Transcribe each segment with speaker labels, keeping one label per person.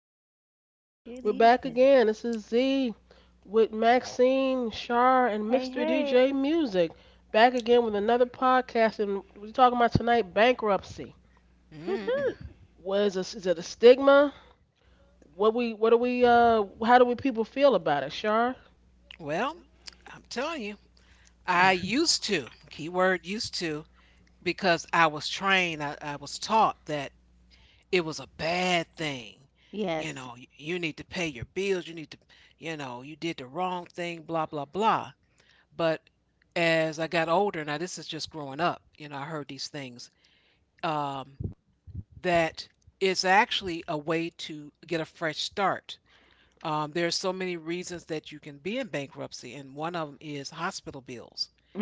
Speaker 1: evening. We're
Speaker 2: Good
Speaker 1: back
Speaker 2: evening.
Speaker 1: again. This is Z with Maxine, Shar, and
Speaker 2: Hey,
Speaker 1: Mr.
Speaker 2: hey.
Speaker 1: DJ Music. Back again with another podcast, and we're talking about tonight bankruptcy. What is this? Is it a stigma? What do we how do we people feel about it, Shar?
Speaker 2: Yes.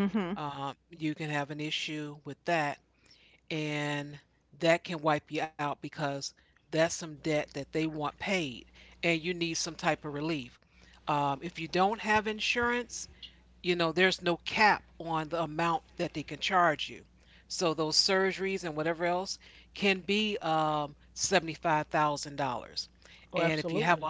Speaker 2: Mhm.
Speaker 1: Oh, absolutely.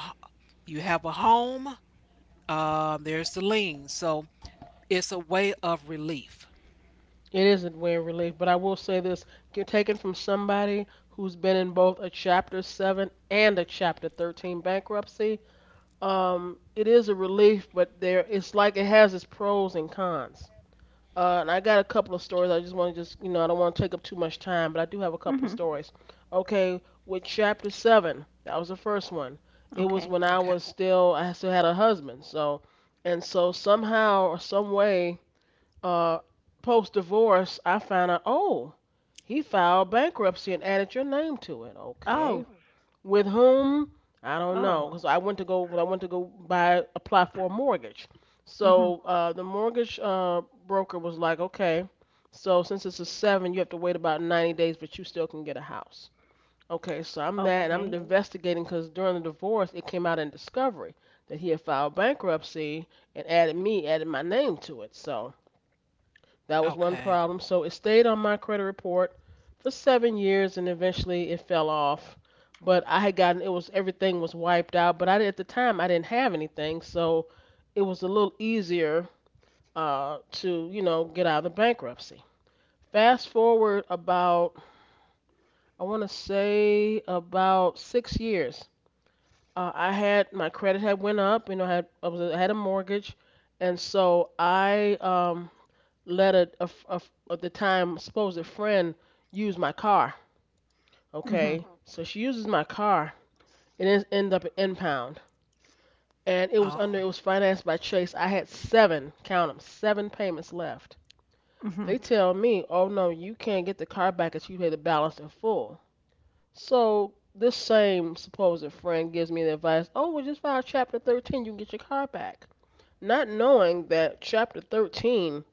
Speaker 1: It is a way of relief, but I will say this, get taken from somebody who's been in both a chapter 7 and a chapter 13 bankruptcy. It is a relief, but there it's like it has its pros and cons. And I got a couple of stories. I just want to just I don't want to take up too much time, but I do have a couple of
Speaker 2: Mhm.
Speaker 1: stories. Okay, with chapter seven, that was the first one. It was
Speaker 2: Okay.
Speaker 1: when I still had a husband. So somehow or some way, uh, post divorce, I found out oh he filed bankruptcy and added your name to it. Okay,
Speaker 2: Oh,
Speaker 1: with whom? I don't know,
Speaker 2: oh,
Speaker 1: because I went to go buy apply for a mortgage.
Speaker 2: Mhm.
Speaker 1: So the mortgage broker was like, okay, so since it's a seven, you have to wait about 90 days, but you still can get a house. Okay, so I'm that, and I'm
Speaker 2: Okay.
Speaker 1: investigating because during the divorce, it came out in discovery that he had filed bankruptcy and added me, added my name to it. So that was one problem. So it stayed on my credit report for 7 years, and eventually it fell off. But I had gotten it was everything was wiped out. But I At the time I didn't have anything, so it was a little easier to get out of the bankruptcy. Fast forward about I want to say about 6 years. I had my credit had went up. You know, I had a mortgage, and so I let a at the time supposed friend use my car. Okay,
Speaker 2: Mhm.
Speaker 1: so she uses my car, it ended up in impound, and it was financed by Chase. I had seven, count 'em, seven payments left. They
Speaker 2: Mhm.
Speaker 1: tell me, oh no, you can't get the car back until you pay the balance in full. So this same supposed friend gives me the advice, oh well, just file Chapter 13, you can get your car back. Not knowing that Chapter 13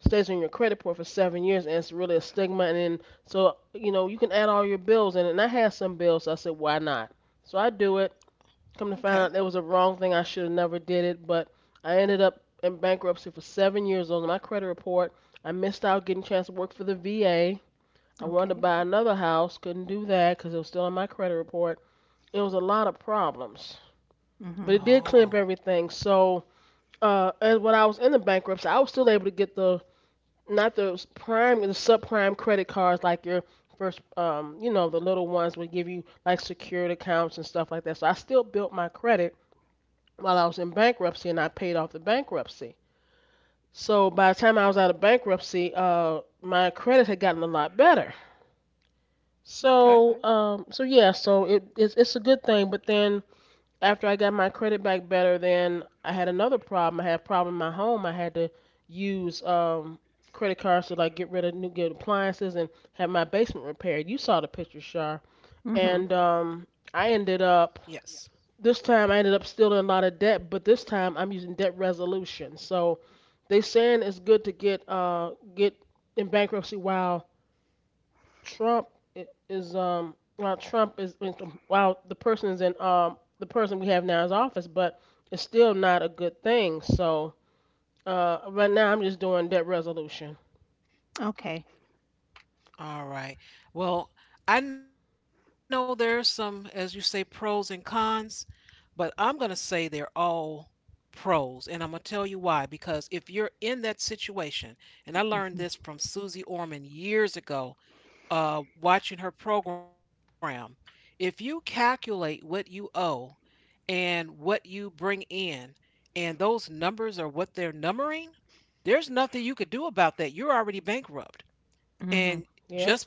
Speaker 1: stays on your credit report for 7 years, and it's really a stigma. And then, you can add all your bills in, and I had some bills. So I said, why not? So I do it. Come to find out, there was a wrong thing. I should have never did it, but I ended up in bankruptcy for 7 years on my credit report. I missed out getting a chance to work for the VA. I wanted to
Speaker 2: Okay.
Speaker 1: buy another house, couldn't do that because it was still on my credit report. It was a lot of problems, but it
Speaker 2: Mhm.
Speaker 1: did clean up everything. So and when I was in the bankruptcy, I was still able to get the not the prime the subprime credit cards, like your first the little ones would give you like secured accounts and stuff like that. So I still built my credit while I was in bankruptcy, and I paid off the bankruptcy, so by the time I was out of bankruptcy, my credit had gotten a lot better. So yeah, so it's a good thing. But then after I got my credit back better, then I had another problem. I had a problem in my home. I had to use credit cards to like get rid of new good appliances and have my basement repaired. You saw the picture, Shar.
Speaker 2: Mhm.
Speaker 1: And I ended up this time I ended up still in a lot of debt, but this time I'm using debt resolution. So they saying it's good to get get in bankruptcy while Trump Trump is while the person is in the person we have now is office, but it's still not a good thing. So right now I'm just doing debt resolution.
Speaker 2: Okay. Mhm. Mhm.
Speaker 1: Yep.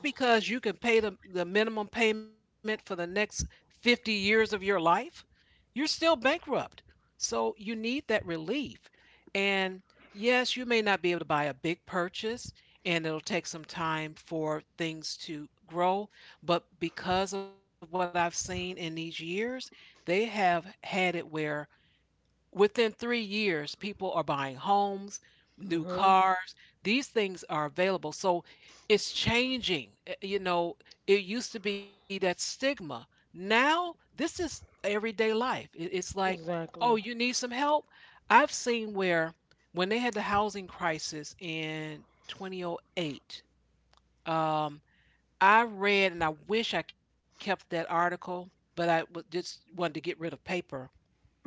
Speaker 1: Mhm. Exactly.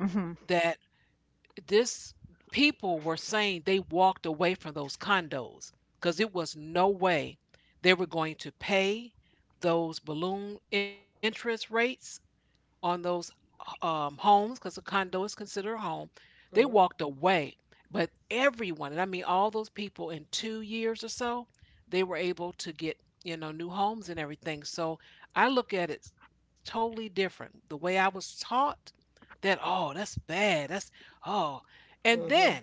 Speaker 2: Mhm.
Speaker 1: Mhm. Mhm.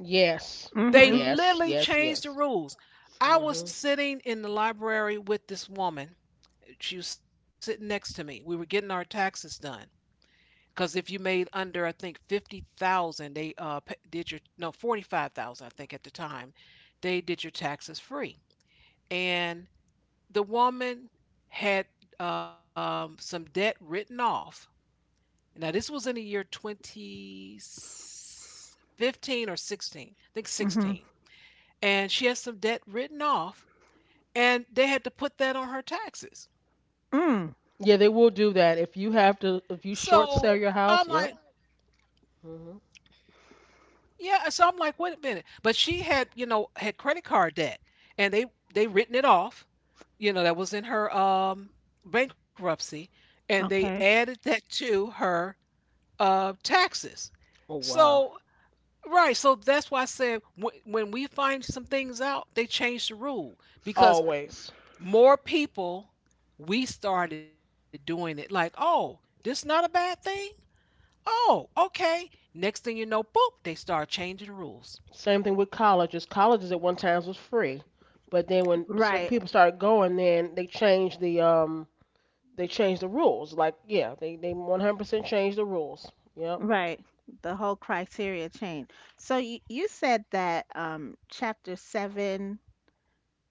Speaker 1: Yes.
Speaker 2: Mhm.
Speaker 1: Yes. Yes. Yes. Mhm.
Speaker 2: Mhm. Mm.
Speaker 1: Yeah, they will do that if you have to if you short sell your house. Yep. Mhm.
Speaker 2: Okay.
Speaker 1: Oh wow. Always. Same thing with colleges. Colleges at one times was free, but then when certain
Speaker 2: Right.
Speaker 1: people started going, then they changed the rules. Like yeah, they 100% changed the rules. Yep.
Speaker 2: Right. The whole criteria change. So you said that chapter 7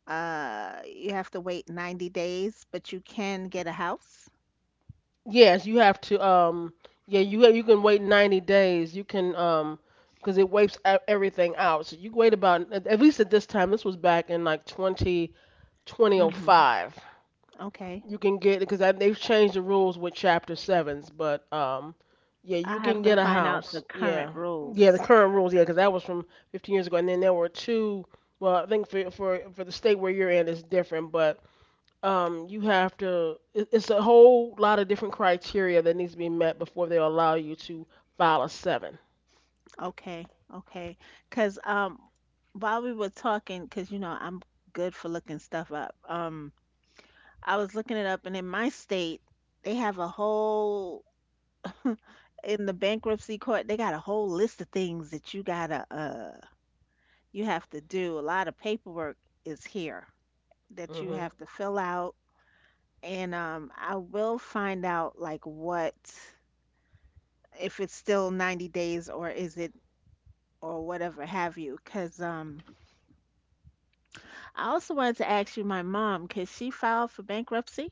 Speaker 2: you have to wait 90 days but you can get a house?
Speaker 1: Yes, you have to yeah you can wait 90 days. You can because it wipes everything out. So you wait about at least at this time. This was back in like twenty twenty oh
Speaker 2: Mhm.
Speaker 1: five.
Speaker 2: Okay.
Speaker 1: You can get because they've changed the rules with chapter sevens, but yeah,
Speaker 2: I
Speaker 1: you
Speaker 2: have
Speaker 1: can
Speaker 2: to
Speaker 1: get a
Speaker 2: find out the
Speaker 1: house.
Speaker 2: current
Speaker 1: Yeah, yeah, the
Speaker 2: rules.
Speaker 1: current rules, yeah, because that was from 15 years ago, and then there were two. Well, I think for for the state where you're in is different, but you have to. It's a whole lot of different criteria that needs to be met before they allow you to file a 7.
Speaker 2: Okay, okay. Cause while we were talking, cause you know I'm good for looking stuff up. I was looking it up, and in my state, they have a whole in the bankruptcy court. They got a whole list of things that you have to do. A lot of paperwork is here that you
Speaker 1: Mm-hmm.
Speaker 2: have to fill out, and I will find out like what if it's still 90 days or is it or whatever have you. Because I also wanted to ask you, my mom, because she filed for bankruptcy.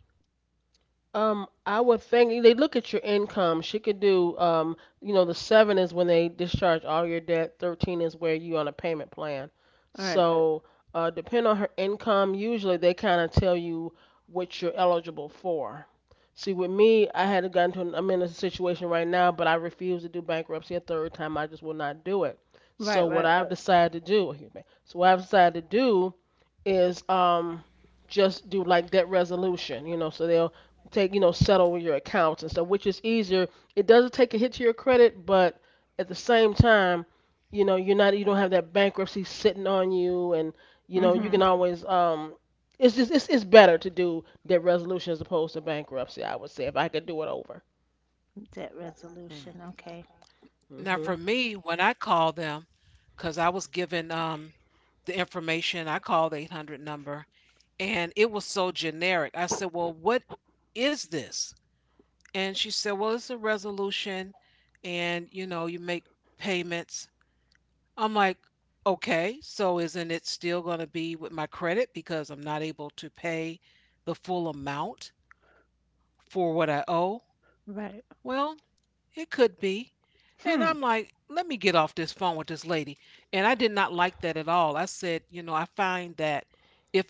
Speaker 1: I would think they look at your income. She could do, you know, the seven is when they discharge all your debt. 13 is where you on a payment plan.
Speaker 2: Right,
Speaker 1: So, depending on her income, usually they kind of tell you what you're eligible for. See, with me, I had gotten to, an, I'm in a situation right now, but I refuse to do bankruptcy a third time. I just will not do it. So
Speaker 2: right,
Speaker 1: what
Speaker 2: right.
Speaker 1: I've decided to do, excuse me, so what I've decided to do is, just do like debt resolution, you know, so they'll take you know settle your accounts and stuff, which is easier. It doesn't take a hit to your credit, but at the same time, you know you're not you don't have that bankruptcy sitting on you, and you know you
Speaker 2: Mm-hmm.
Speaker 1: can always it's just it's better to do debt resolution as opposed to bankruptcy. I would say if I could do it over.
Speaker 2: Debt resolution. Okay.
Speaker 1: Hmm.
Speaker 2: Right. Hmm.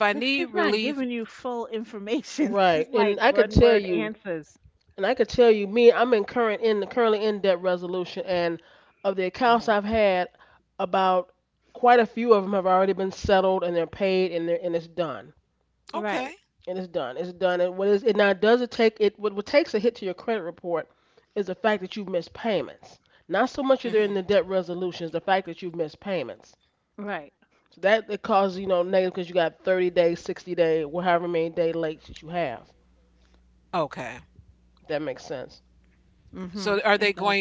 Speaker 2: Because she's not giving you full information.
Speaker 1: Right,
Speaker 2: She's like one word answers.
Speaker 1: and I could tell you, me, I'm in current in the currently in debt resolution, and of the accounts I've had, about quite a few of them have already been settled, and they're paid, and they're and it's done,
Speaker 2: Right,
Speaker 1: and it's done. It's done. And what is it now? Does it take it? What takes a hit to your credit report is the fact that you've missed payments. Not so much that they're in the debt resolution, is the fact that you've missed payments.
Speaker 2: right.
Speaker 1: So that it causes you know negative because you got 30 days, 60 days, whatever many day late that you have. If that makes sense.
Speaker 2: Mm-hmm. It does.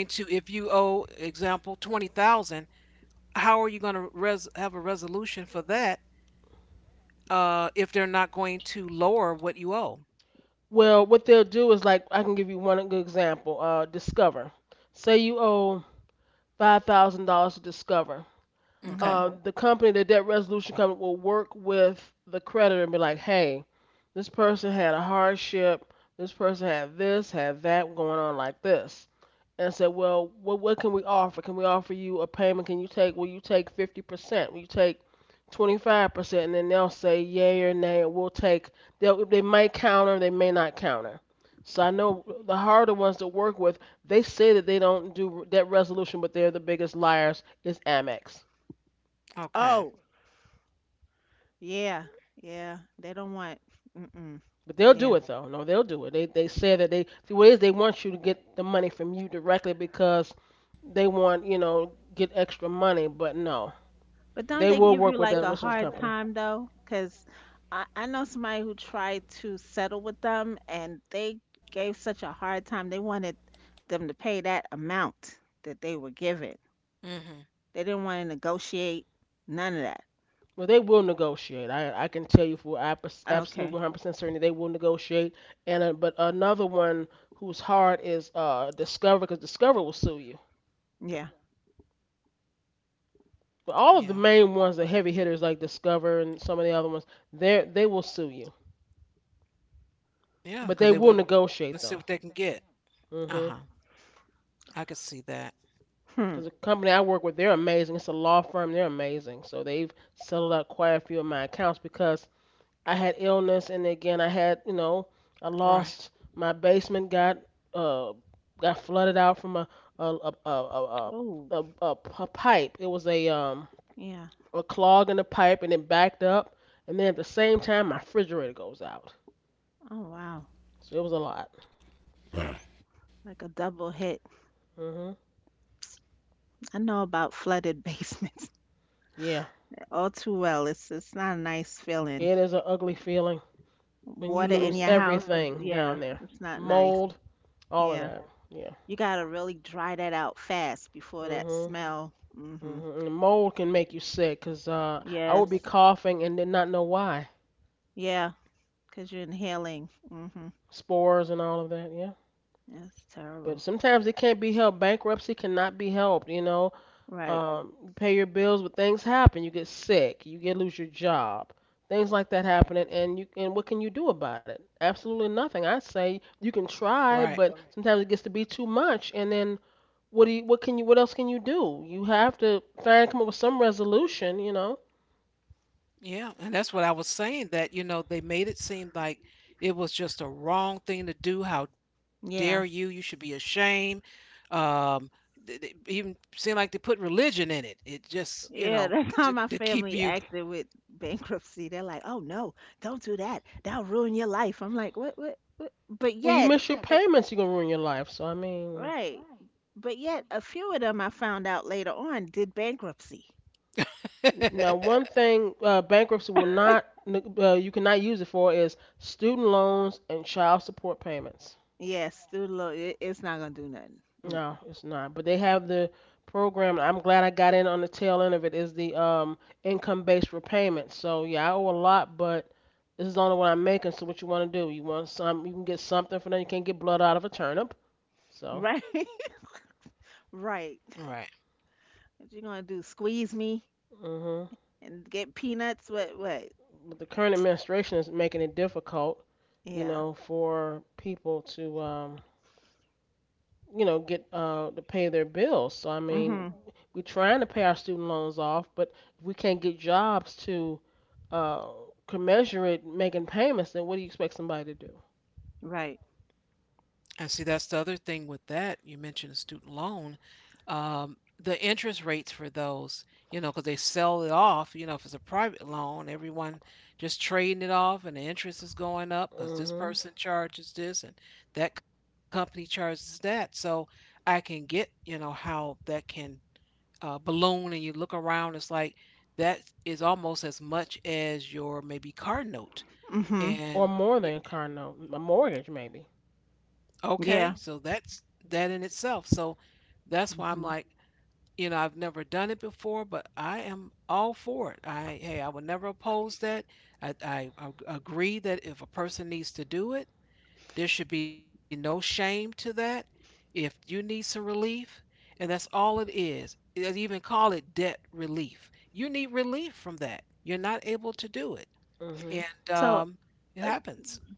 Speaker 1: Well, what they'll do is like I can give you one good example. Discover. Say you owe $5,000 to Discover.
Speaker 2: Mm-hmm.
Speaker 1: The company, the debt resolution company, will work with the creditor and be like, hey, this person had a hardship, this person had this, had that going on like this. And said, well, what can we offer? Can we offer you a payment? Can you take, will you take 50%? Will you take 25%? And then they'll say yay or nay, and we'll take, they'll, they might counter, they may not counter. So I know the harder ones to work with, they say that they don't do debt resolution, but they're the biggest liars, is Amex.
Speaker 2: Oh, yeah, yeah. They don't want. Mm-mm.
Speaker 1: But they'll do
Speaker 2: Yeah.
Speaker 1: it though. No, they'll do it. They said that they the ways they want you to get the money from you directly because they want you know get extra money. But no,
Speaker 2: But don't
Speaker 1: they
Speaker 2: they
Speaker 1: will
Speaker 2: give you
Speaker 1: work with
Speaker 2: like
Speaker 1: that
Speaker 2: a
Speaker 1: research
Speaker 2: hard
Speaker 1: company.
Speaker 2: time though? Because I know somebody who tried to settle with them and they gave such a hard time. They wanted them to pay that amount that they were given. They didn't want to negotiate none of that.
Speaker 1: Well, they will negotiate. I can tell you for absolute
Speaker 2: Okay.
Speaker 1: 100% certainty they will negotiate. And but another one who's hard is Discover, because Discover will sue you.
Speaker 2: Yeah.
Speaker 1: But all of the main ones, the heavy hitters like Discover and some of the other ones, they will sue you. But they will negotiate though. Hmm.
Speaker 2: Hmm.
Speaker 1: Because the company I work with, they're amazing. It's a law firm. They're amazing. So they've settled out quite a few of my accounts because I had illness, and again, I had, you know, I lost my basement got uh flooded out from a a a a,
Speaker 2: Oh,
Speaker 1: a, a, a pipe. It was
Speaker 2: yeah.
Speaker 1: a clog in the pipe, and it backed up, and then at the same time, my refrigerator goes out.
Speaker 2: Oh, wow.
Speaker 1: So it was a lot.
Speaker 2: Like a double hit.
Speaker 1: Mhm.
Speaker 2: I know about flooded basements
Speaker 1: Yeah,
Speaker 2: all too well. It's not a nice feeling.
Speaker 1: it is an ugly feeling when you
Speaker 2: Water in
Speaker 1: lose
Speaker 2: your house is,
Speaker 1: everything
Speaker 2: yeah,
Speaker 1: down there.
Speaker 2: it's not nice.
Speaker 1: Mold. All of
Speaker 2: Yeah.
Speaker 1: that. Yeah.
Speaker 2: You gotta really dry that out fast before that
Speaker 1: Mhm.
Speaker 2: smell. Hmm.
Speaker 1: Mhm. And mold can make you sick, 'cause I would be
Speaker 2: Yes.
Speaker 1: coughing and did not know why.
Speaker 2: Yeah. 'Cause you're inhaling. Mm hmm.
Speaker 1: Spores and all of that. Yeah.
Speaker 2: That's
Speaker 1: But
Speaker 2: terrible.
Speaker 1: sometimes it can't be helped. Bankruptcy cannot be helped.
Speaker 2: Right.
Speaker 1: You pay your bills, but things happen. You get sick. You get lose your job. Things like that happening, and what can you do about it? Absolutely nothing. I say you can try, but sometimes it gets to be too much, and then what else can you do? You have to find come up with some resolution.
Speaker 2: Yeah. Yeah. That's how my family acted with bankruptcy. They're like, "Oh no, don't do that. That'll ruin your life." I'm like, "What? What? What? But
Speaker 1: Well, you
Speaker 2: yet,
Speaker 1: miss your payments, you're gonna ruin your life. So I mean,
Speaker 2: right. But yet, a few of them I found out later on did bankruptcy."
Speaker 1: now one thing, bankruptcy will not, you cannot use it for is student loans and child support payments.
Speaker 2: Yes, student loan. It's not gonna do nothing. Mm.
Speaker 1: No, it's not. But they have the program. I'm glad I got in on the tail end of it. Is the income-based repayment. So yeah, I owe a lot, but this is the only one I'm making. So what you want to do? You want some? You can get something for that. You can't get blood out of a turnip. So.
Speaker 2: Right. Right. What you gonna do? Squeeze me?
Speaker 1: hmm
Speaker 2: And get peanuts. What? What?
Speaker 1: but the current administration is making it difficult,
Speaker 2: Yeah.
Speaker 1: for people to, get to pay their bills. So I mean,
Speaker 2: Mhm.
Speaker 1: we're trying to pay our student loans off, but if we can't get jobs to uh, commensurate making payments, then what do you expect somebody to do?
Speaker 2: Right.
Speaker 1: hmm
Speaker 2: Mhm.
Speaker 1: Or more than a car note, a mortgage maybe.
Speaker 2: Yeah. hmm
Speaker 1: hmm
Speaker 2: So uh,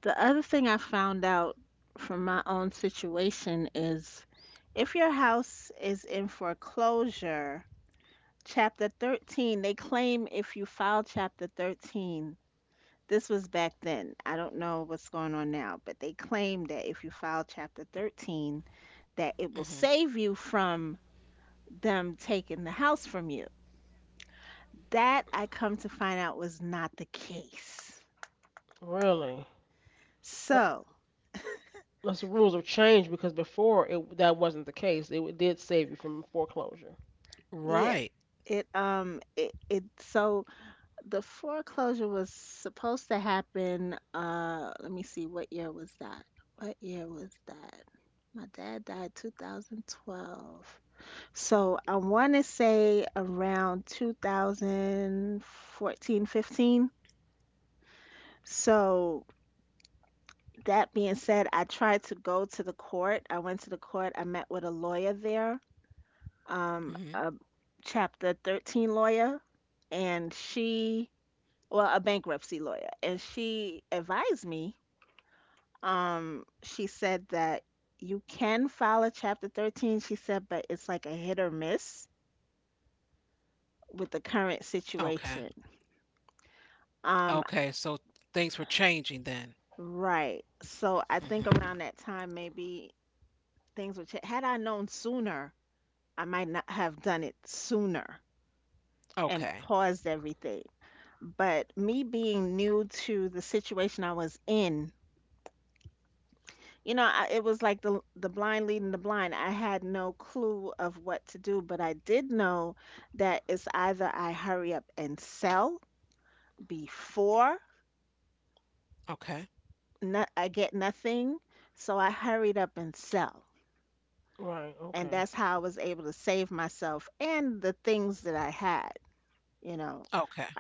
Speaker 2: the other thing I found out from my own situation is if your house is in foreclosure, chapter 13, they claim if you file chapter 13, this was back then. I don't know what's going on now, but they claim that if you file chapter 13, that it will save you from them taking the house from you. That I come to find out was not the case.
Speaker 1: Really. Uh,
Speaker 2: So,
Speaker 1: Unless the rules have changed because before it that wasn't the case. It did save you from foreclosure.
Speaker 2: yeah, it it, it so the foreclosure was supposed to happen. Let me see, what year was that? What year was that? My dad died 2012. So I want to say around 2014, 15. So that being said, I tried to go to the court. I went to the court. I met with a lawyer there, a Chapter 13 lawyer, and she, well, a bankruptcy lawyer, and she advised me. She said that you can file a Chapter 13, she said, but it's like a hit or miss with the current situation. Um, right. So I think around that time, maybe things would change. Had I known sooner, I might not have done it sooner and paused everything. But me being new to the situation I was in, you know, it was like the blind leading the blind. I had no clue of what to do, but I did know that it's either I hurry up and sell before no, I get nothing, so I hurried up and sell.
Speaker 1: Right.
Speaker 2: And
Speaker 1: Okay.
Speaker 2: that's how I was able to save myself and the things that I had. you know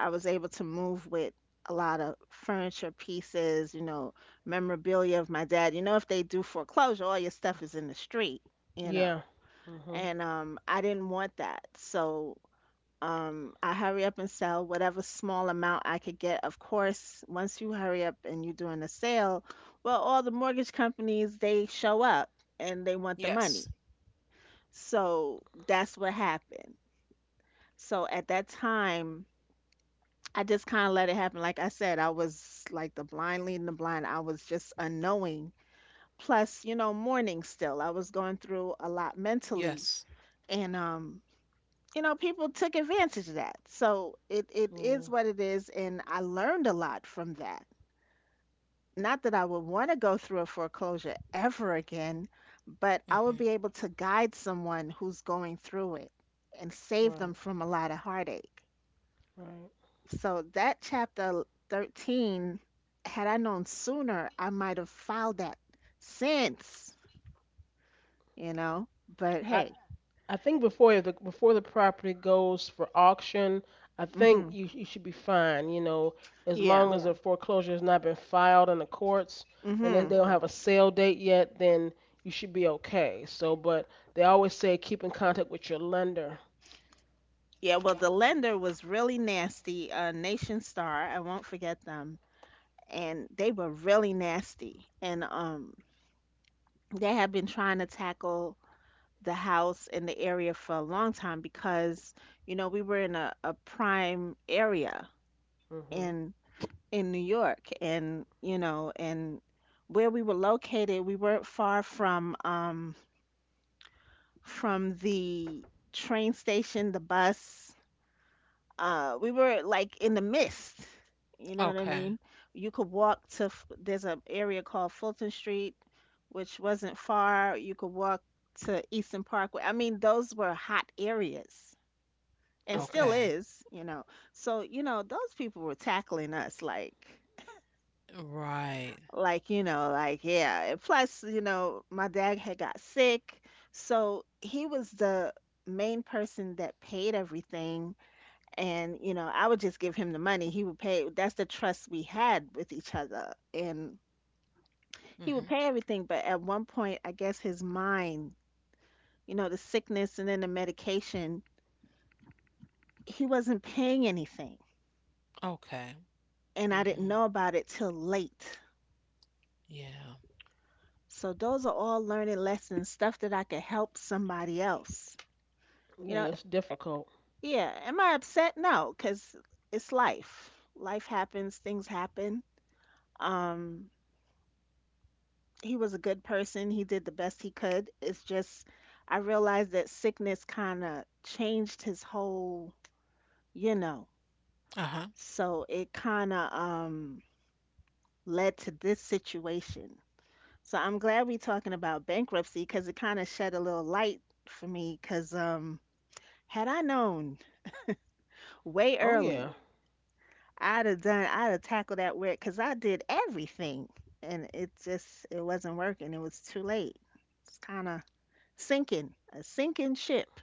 Speaker 2: I was able to move with a lot of furniture pieces, memorabilia of my dad. If they do foreclosure, all your stuff is in the street, you know
Speaker 1: Yeah. Mhm.
Speaker 2: and I didn't want that. So I hurry up and sell whatever small amount I could get. Of course, once you hurry up and you're doing a sale, well, all the mortgage companies, they show up and they want the money. So that's what happened. So at that time I just kind of let it happen. Like I said, I was like the blind leading the blind. I was just unknowing. Plus, mourning still. I was going through a lot mentally, and people took advantage of that. So it
Speaker 1: Yeah.
Speaker 2: is what it is, and I learned a lot from that. Not that I would want to go through a foreclosure ever again, but I would be able to guide someone who's going through it and save them
Speaker 1: Right.
Speaker 2: from a lot of heartache.
Speaker 1: Right.
Speaker 2: So that chapter 13, had I known sooner, I might have filed that since, you know. But
Speaker 1: I
Speaker 2: hey,
Speaker 1: I think before the property goes for auction, I think
Speaker 2: hmm
Speaker 1: you should be fine. As
Speaker 2: yeah,
Speaker 1: long as Yeah. a foreclosure has not been filed in the courts and if
Speaker 2: hmm
Speaker 1: they don't have a sale date yet, then you should be okay. So, but they always say keep in contact with your lender.
Speaker 2: yeah. Well, the lender was really nasty. Nation Star, I won't forget them, and they were really nasty. And they have been trying to tackle the house in the area for a long time because we were in a prime area
Speaker 1: Mhm.
Speaker 2: and in New York, and and where we were located, we weren't far from the train station, the bus. We were like in the mist, you know what I mean. You could walk there's an area called Fulton Street, which wasn't far. You could walk to Eastern Parkway. I mean, those were hot areas and
Speaker 1: Okay.
Speaker 2: still is. So those people were tackling us like, yeah. And plus, my dad had got sick, so he was the main person that paid everything. And I would just give him the money, he would pay. That's the trust we had with each other, and he would pay everything. But at one point, I guess his mind, the sickness and then the medication, he wasn't paying anything, and I didn't know about it till late. So those are all learning lessons, stuff that I could help somebody else you
Speaker 1: Yeah,
Speaker 2: know
Speaker 1: it's difficult.
Speaker 2: Yeah, am I upset? No, cause it's life. Life happens, things happen. Um, he was a good person. He did the best he could. It's just I realized that sickness kind of changed his whole, you know. So it kind of led to this situation. So I'm glad we talking about bankruptcy because it kind of shed a little light for me because had I known way
Speaker 1: Oh
Speaker 2: early,
Speaker 1: yeah.
Speaker 2: I'd have tackled that where because I did everything and it just, it wasn't working. It was too late. It's kind of sinking, a sinking ship.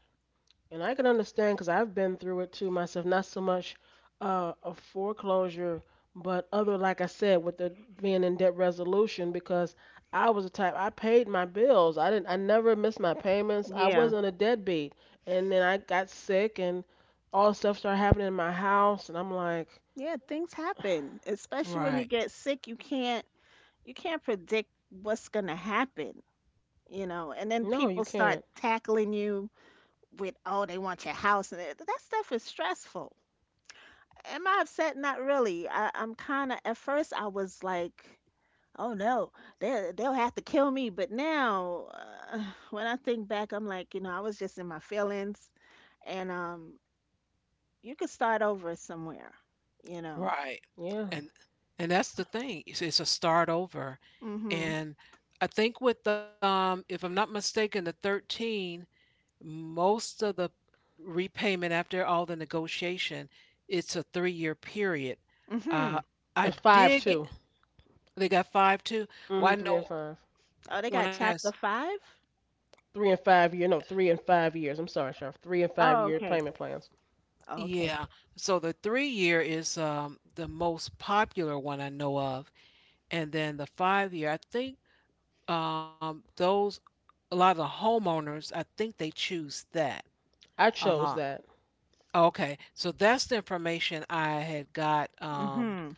Speaker 1: And I can understand because I've been through it too myself. Not so much a foreclosure, but other, like I said, with the being in debt resolution because I was the type I paid my bills. I didn't. I never missed my payments. I
Speaker 2: Yeah.
Speaker 1: wasn't a deadbeat. And then I got sick, and all this stuff started happening in my house, and I'm like,
Speaker 2: Yeah, things happen, especially when you get sick. You can't predict what's gonna happen. And then
Speaker 1: no, you
Speaker 2: people start
Speaker 1: can't.
Speaker 2: tackling you with, oh, they want your house, and that stuff is stressful. Am I upset? Not really. I, I'm kind of At first I was like, "Oh no, they'll have to kill me." But now, when I think back, I'm like, I was just in my feelings, and you could start over somewhere, you know.
Speaker 1: Yeah,
Speaker 2: Mhm. Mhm.
Speaker 1: it's five too. Mm-hmm, three and five.
Speaker 2: Oh, they got chapter 5.
Speaker 1: 3 and 5 year. No, 3 and 5 years. I'm sorry, Sharp. Three and five
Speaker 2: Oh,
Speaker 1: year
Speaker 2: okay.
Speaker 1: payment plans.
Speaker 2: Oh, okay.
Speaker 1: I chose that.
Speaker 2: Mhm.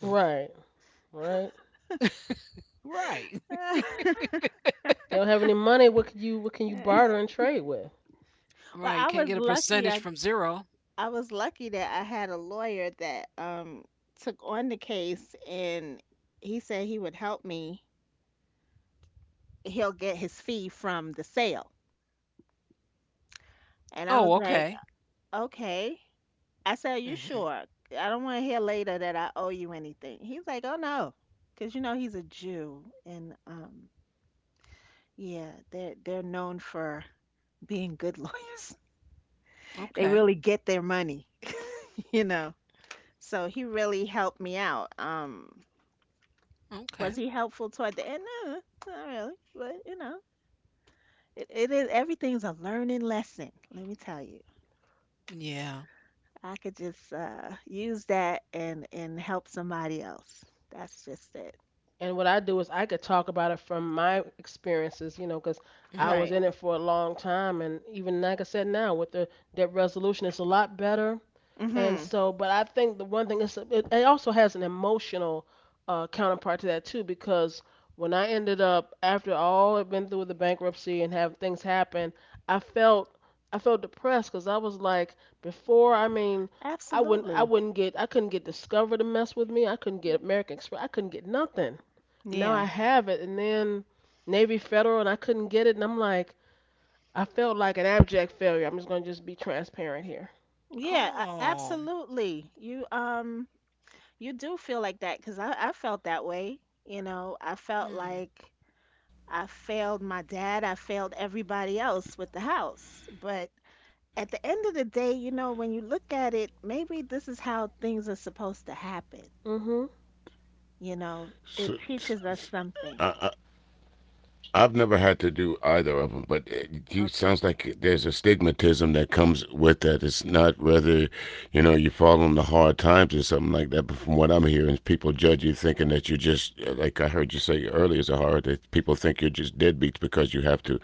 Speaker 1: Right. Right? You don't have any money. What can you barter and trade with?
Speaker 2: Well, I was lucky. I was lucky that I had a lawyer that took on the case, and he said he would help me. He'll get his fee from the sale. And I was like, okay. I said, are you sure? I don't want to hear later that I owe you anything. He's like, oh no, because you know he's a Jew, and yeah, they're known for being good lawyers. They really get their money, you know. So he really helped me out. Was he helpful toward the end? No, not really. But it is everything's a learning lesson. Let me tell you. I could just use that and help somebody else. That's just it.
Speaker 1: And what I do is I could talk about it from my experiences, because I was
Speaker 2: Right.
Speaker 1: in it for a long time, and even like I said now with the debt resolution, it's a lot better. And
Speaker 2: Mm-hmm.
Speaker 1: so, but I think the one thing is it also has an emotional, counterpart to that too, because when I ended up after all I'd been through with the bankruptcy and have things happen, I felt I felt depressed because I was like, before, I mean,
Speaker 2: Absolutely.
Speaker 1: I couldn't get Discover to mess with me, I couldn't get American Express, I couldn't get nothing. And now I
Speaker 2: Yeah.
Speaker 1: have it, and then Navy Federal, and I couldn't get it, and I'm like, I felt like an abject failure. I'm just gonna just be transparent here.
Speaker 2: Yeah, absolutely. You do feel like that because I felt that way. You know, I felt like I failed my dad, I failed everybody else with the house. But at the end of the day, when you look at it, maybe this is how things are supposed to happen.
Speaker 1: hmm
Speaker 2: You
Speaker 3: So,
Speaker 2: know, it teaches us
Speaker 3: I,
Speaker 2: something.
Speaker 3: I, have never had to do either of them, but it sounds
Speaker 2: Okay.
Speaker 3: like there's a stigmatism that comes with that. It's not whether, you know, you fall into hard times or something like that, but from what I'm hearing, people judge you thinking that you're just, like I heard you say earlier, Zahara, that people think you're just deadbeats because you have to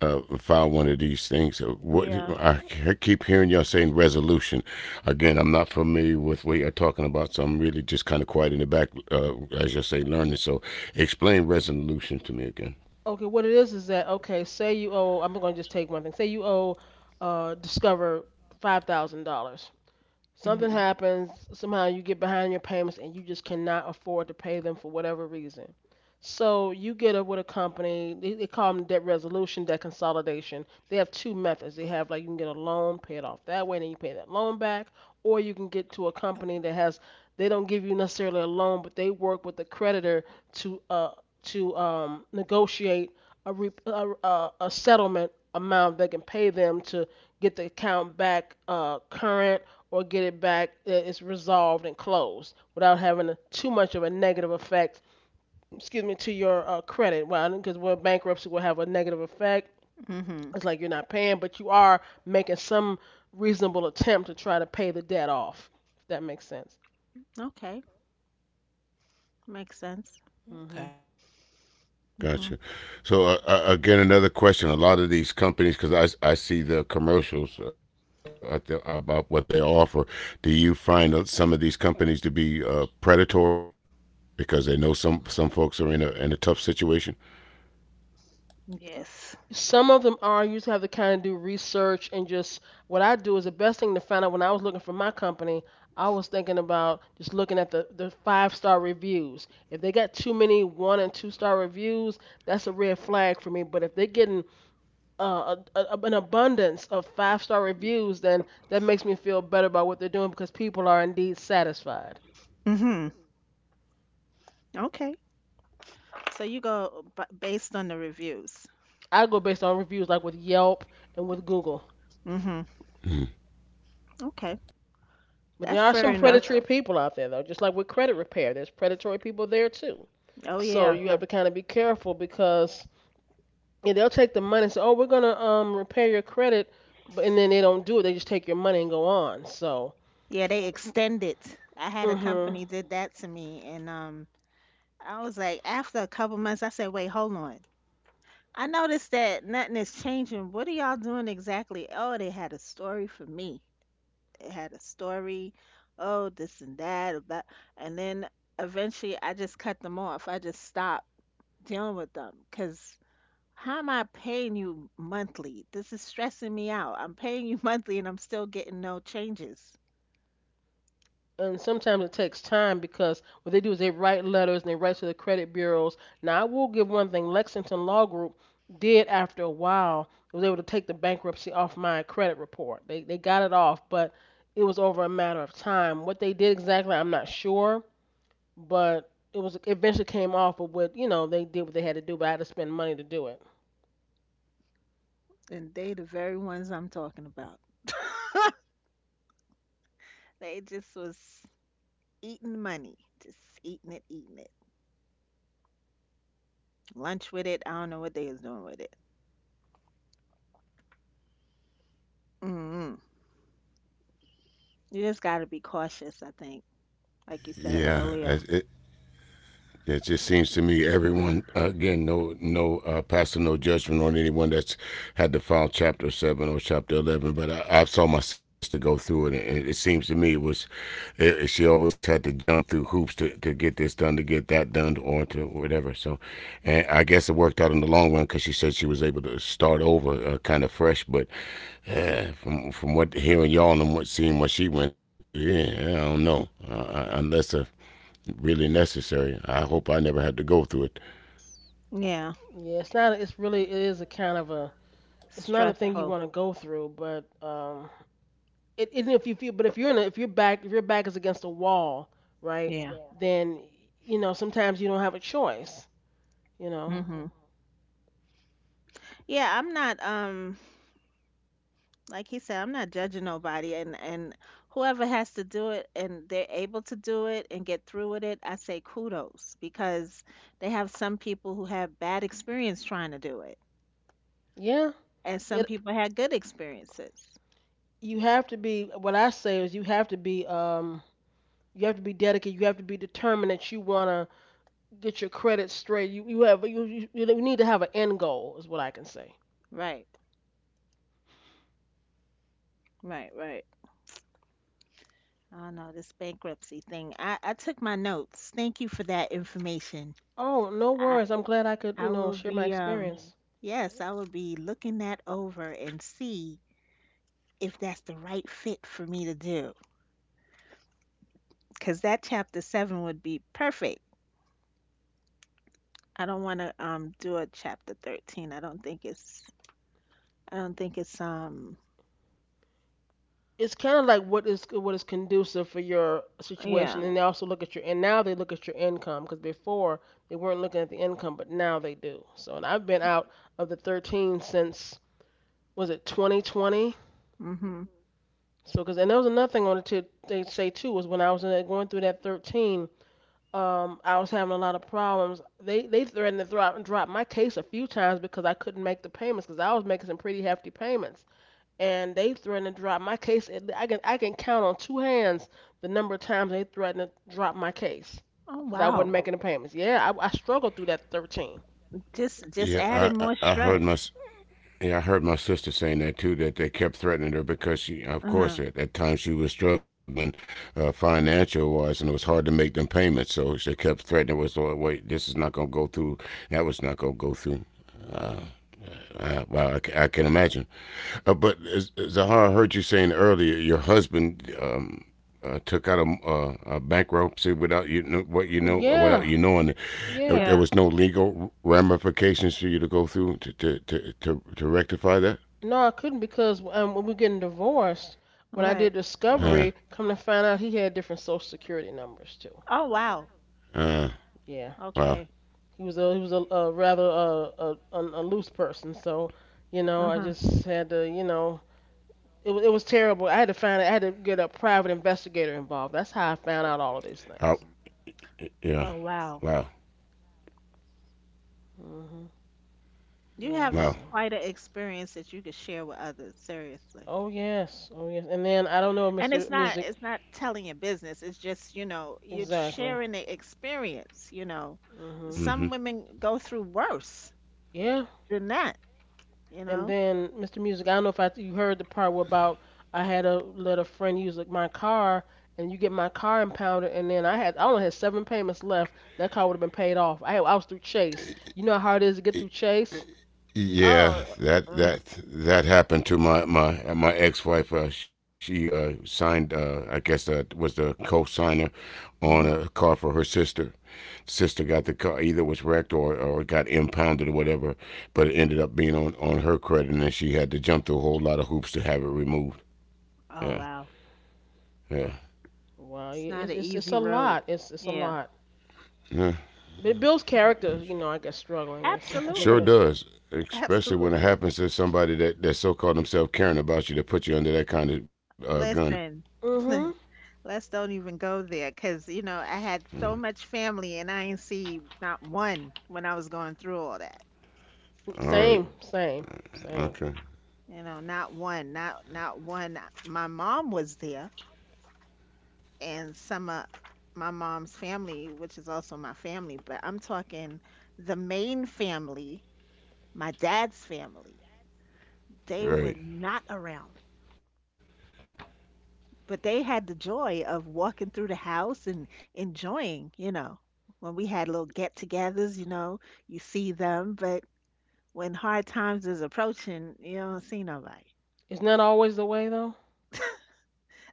Speaker 3: file one of these things. What
Speaker 2: Yeah.
Speaker 3: I keep hearing y'all saying resolution. Again, I'm not familiar with what you're talking about, so I'm really just kind of quiet in the back, as you say, learning. So, explain resolution to me again.
Speaker 1: Okay, what it is that okay, say you owe I'm gonna just take one thing. Say you owe Discover $5,000. Something
Speaker 2: Hmm.
Speaker 1: happens, somehow you get behind your payments and you just cannot afford to pay them for whatever reason. So you get up with a company, they call them debt resolution, debt consolidation. They have two methods. They have like you can get a loan, pay it off that way, and then you pay that loan back, or you can get to a company that has they don't give you necessarily a loan, but they work with the creditor to uh to negotiate a settlement amount that can pay them to get the account back current or get it back, it's resolved and closed without having too much of a negative effect, excuse me, to your credit. Well, because, well, bankruptcy will have a negative effect.
Speaker 2: Hmm.
Speaker 1: It's like you're not paying, but you are making some reasonable attempt to try to pay the debt off, if that makes sense.
Speaker 2: Okay. Makes sense.
Speaker 1: hmm
Speaker 2: Hmm.
Speaker 3: Gotcha. So again, another question. A lot of these companies, because I see the commercials at the, about what they offer. Do you find some of these companies to be predatory because they know some folks are in a tough situation?
Speaker 2: Yes.
Speaker 1: Some of them are. You just have to kind of do research and just what I do is the best thing to find out. When I was looking for my company, I was thinking about just looking at the five-star reviews. If they got too many one and two star reviews, that's a red flag for me. But if they're getting an abundance of five-star reviews, then that makes me feel better about what they're doing because people are indeed satisfied.
Speaker 2: Hmm. Okay. So you go based on the reviews.
Speaker 1: I go based on reviews like with Yelp and with Google.
Speaker 2: Hmm.
Speaker 3: Mm-hmm.
Speaker 2: Okay.
Speaker 1: But
Speaker 2: That's
Speaker 1: there are
Speaker 2: fair
Speaker 1: some
Speaker 2: enough.
Speaker 1: predatory people out there, though, just like with credit repair. There's predatory people there, too.
Speaker 2: Oh
Speaker 1: So
Speaker 2: yeah.
Speaker 1: you have to kind of be careful because yeah, they'll take the money and say, "Oh, we're gonna repair your credit," but and then they don't do it. They just take your money and go on. So,
Speaker 2: Yeah, they extend it. I had a
Speaker 1: mhm.
Speaker 2: company did that to me and I was like after a couple months I said, "Wait, hold on. I noticed that nothing is changing. What are y'all doing exactly?" Oh, they had a story for me. It had a story, oh, this and that about, and then eventually I just cut them off. I just stopped dealing with them because how am I paying you monthly? This is stressing me out. I'm paying you monthly and I'm still getting no changes.
Speaker 1: And sometimes it takes time because what they do is they write letters and they write to the credit bureaus. Now, I will give one thing: Lexington Law Group did after a while was able to take the bankruptcy off my credit report. They got it off, but it was over a matter of time. What they did exactly, I'm not sure. But it eventually came off. But with you know they did what they had to do, but I had to spend money to do it.
Speaker 2: And they the very ones I'm talking about. They just was eating money, just eating it, eating it. Lunch with it. I don't know what they was doing with it. mm You just got to be cautious, I think. Like you said
Speaker 3: Yeah,
Speaker 2: earlier.
Speaker 3: it, Yeah, it just seems to me everyone again pastor no judgment on anyone that's had to file chapter seven or chapter 11. But I saw my sister go through it, and seems to me it was she always had to jump through hoops to get this done, to get that done, or to whatever. So, and I guess it worked out in the long run because she said she was able to start over kind of fresh. But from what hearing y'all and what seeing what she went through, yeah, I don't know unless a really necessary. I hope I never had to go through it.
Speaker 2: Yeah,
Speaker 1: Yeah, it's not. It's really it is a kind of a. It's not a thing you
Speaker 2: stressful.
Speaker 1: want to go through, but it, it if you feel, but if you're in a, if your back is against a wall, right?
Speaker 2: Yeah.
Speaker 1: Then sometimes you don't have a choice. You know.
Speaker 2: Hmm. Yeah, I'm not, like he said, I'm not judging nobody, and whoever has to do it and they're able to do it and get through with it, I say kudos because they have some people who have bad experience trying to do it
Speaker 1: Yeah.
Speaker 2: and some
Speaker 1: It,
Speaker 2: people had good experiences.
Speaker 1: you have to be. What I say is you have to be. You have to be dedicated. You have to be determined that you wanna get your credit straight. You need to have an end goal, is what I can say.
Speaker 2: Right. Right, right. Oh no, this bankruptcy thing. I took my notes. Thank you for that information.
Speaker 1: Oh, no
Speaker 2: I
Speaker 1: worries. I'm glad I could
Speaker 2: I will
Speaker 1: share my
Speaker 2: be,
Speaker 1: experience.
Speaker 2: yes, I will be looking that over and see if that's the right fit for me to do because that chapter 7 would be perfect. I don't want to do a chapter 13. I don't think it's,
Speaker 1: It's kind of like what is conducive for your situation,
Speaker 2: yeah.
Speaker 1: and they also look at your and now they look at your income because before they weren't looking at the income, but now they do. So and I've been out of the 13 since was it 2020?
Speaker 2: Mhm.
Speaker 1: So because and there was another thing on it to they say too was when I was going through that 13. I was having a lot of problems. They threatened to drop my case a few times because I couldn't make the payments because I was making some pretty hefty payments, and they threatened to drop my case. And I can count on two hands the number of times they threatened to drop my case
Speaker 2: Oh
Speaker 1: because I wasn't
Speaker 2: wow,
Speaker 1: making the payments. Yeah, I struggled through that 13.
Speaker 2: just adding more stress.
Speaker 3: I heard my yeah I heard my sister saying that too. That they kept threatening her because she,
Speaker 2: Uh-huh.
Speaker 3: of course, at that time she was struggling financial wise, and it was hard to make them payments. So they kept threatening was, "Oh wait, this is not gonna go through. That was not gonna go through." Uh, wow, I can imagine. But as, Zahar, I heard you saying earlier, your husband took out a bankruptcy without you know without
Speaker 1: Yeah,
Speaker 3: you knowing. There
Speaker 1: yeah.
Speaker 2: Yeah.
Speaker 3: was no legal ramifications for you to go through to rectify that.
Speaker 1: No, I couldn't because when we were getting divorced, when I
Speaker 2: Right.
Speaker 1: did
Speaker 3: Huh.
Speaker 1: discovery, come to find out he had different social security numbers too.
Speaker 2: Oh wow.
Speaker 3: Uh.
Speaker 1: Yeah.
Speaker 3: Wow.
Speaker 2: Okay.
Speaker 1: He was a rather a loose person, so I
Speaker 2: Uh-huh.
Speaker 1: just had to, it was terrible. I had to get a private investigator involved. That's how I found out all of
Speaker 3: Oh.
Speaker 1: these things.
Speaker 3: Yeah.
Speaker 2: Oh
Speaker 3: Wow.
Speaker 2: wow,
Speaker 1: Mhm.
Speaker 2: you have
Speaker 3: Wow.
Speaker 2: a
Speaker 1: Yes.
Speaker 2: quite an experience that you could share with others, seriously.
Speaker 1: Oh yes. Oh yes. And then I don't know,
Speaker 2: And
Speaker 1: Mr.
Speaker 2: it's not
Speaker 1: Music.
Speaker 2: it's not telling your business. It's just, you know, you're
Speaker 1: Exactly.
Speaker 2: sharing the experience, you know.
Speaker 1: Mhm.
Speaker 3: Mm-hmm.
Speaker 2: Some women go through worse
Speaker 1: Yeah.
Speaker 2: than that, you
Speaker 1: And
Speaker 2: know.
Speaker 1: then, Mr. Music, I don't know if I, you heard the part where about I had to let a friend use like my car, and you get my car impounded, and then I only had seven payments left. That car would have been paid off. I was through Chase. You know how hard it is to get through Chase.
Speaker 3: Yeah.
Speaker 2: Oh, uh,
Speaker 3: That happened to my ex-wife. She signed. I guess was the co-signer on a car
Speaker 2: mhm.
Speaker 3: for her sister. Sister got the car either was wrecked or got impounded or whatever, but it ended up being on her credit, and then she had to jump through a whole lot of hoops to have it removed.
Speaker 2: Oh,
Speaker 3: Yeah.
Speaker 2: wow.
Speaker 3: Yeah.
Speaker 1: Wow,
Speaker 2: It's not
Speaker 1: it's
Speaker 2: an
Speaker 1: it's it's
Speaker 2: easy
Speaker 1: a
Speaker 2: road.
Speaker 1: lot. It's a
Speaker 2: Yeah.
Speaker 1: lot.
Speaker 3: Yeah.
Speaker 1: But it builds
Speaker 2: Not
Speaker 1: character.
Speaker 2: easy.
Speaker 1: You know, I guess struggling or something like
Speaker 3: Sure
Speaker 2: Absolutely.
Speaker 1: that.
Speaker 3: does. Especially when it
Speaker 2: Absolutely.
Speaker 3: happens to somebody that so called themselves caring about you to put you under that kind of gun.
Speaker 2: Listen.
Speaker 1: hmm
Speaker 2: Let's don't even go there because, you know, I
Speaker 3: Mm.
Speaker 2: had so much family and I ain't see not one when I was going through all that.
Speaker 3: All right.
Speaker 1: Same, same, same.
Speaker 3: Okay.
Speaker 2: You know, not one, not one. My mom was there and some of my mom's family, which is also my family, but I'm talking the main family, my dad's family. They were
Speaker 3: Right.
Speaker 2: not around, but they had the joy of walking through the house and enjoying, you know. When we had little get-togethers, you know, you see them, but when hard times is approaching, you don't see nobody.
Speaker 1: Isn't that always the way though?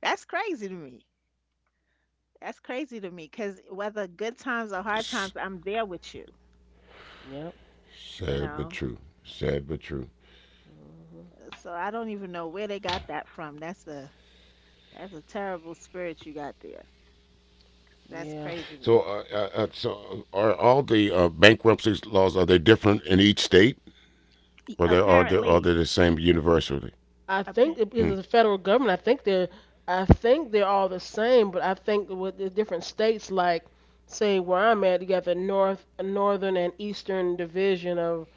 Speaker 2: That's crazy to me. That's crazy to me because whether good times or hard
Speaker 3: S-
Speaker 2: times, I'm there with you,
Speaker 1: Yep.
Speaker 2: you
Speaker 3: Sad but
Speaker 2: know.
Speaker 3: true. Sad but true.
Speaker 1: hmm
Speaker 2: So I don't even know where they got that from. That's a terrible spirit you got there. That's
Speaker 1: Yeah.
Speaker 3: So,
Speaker 2: crazy to me.
Speaker 3: so are all the bankruptcy laws are they different in each state, or they are they are
Speaker 2: Apparently,
Speaker 3: they the same universally?
Speaker 1: I
Speaker 2: ap-
Speaker 1: think it, because
Speaker 3: Hmm.
Speaker 1: it's the federal government, I think they're all the same, but I think with the different states, like say where I'm at, you got the northern and eastern division of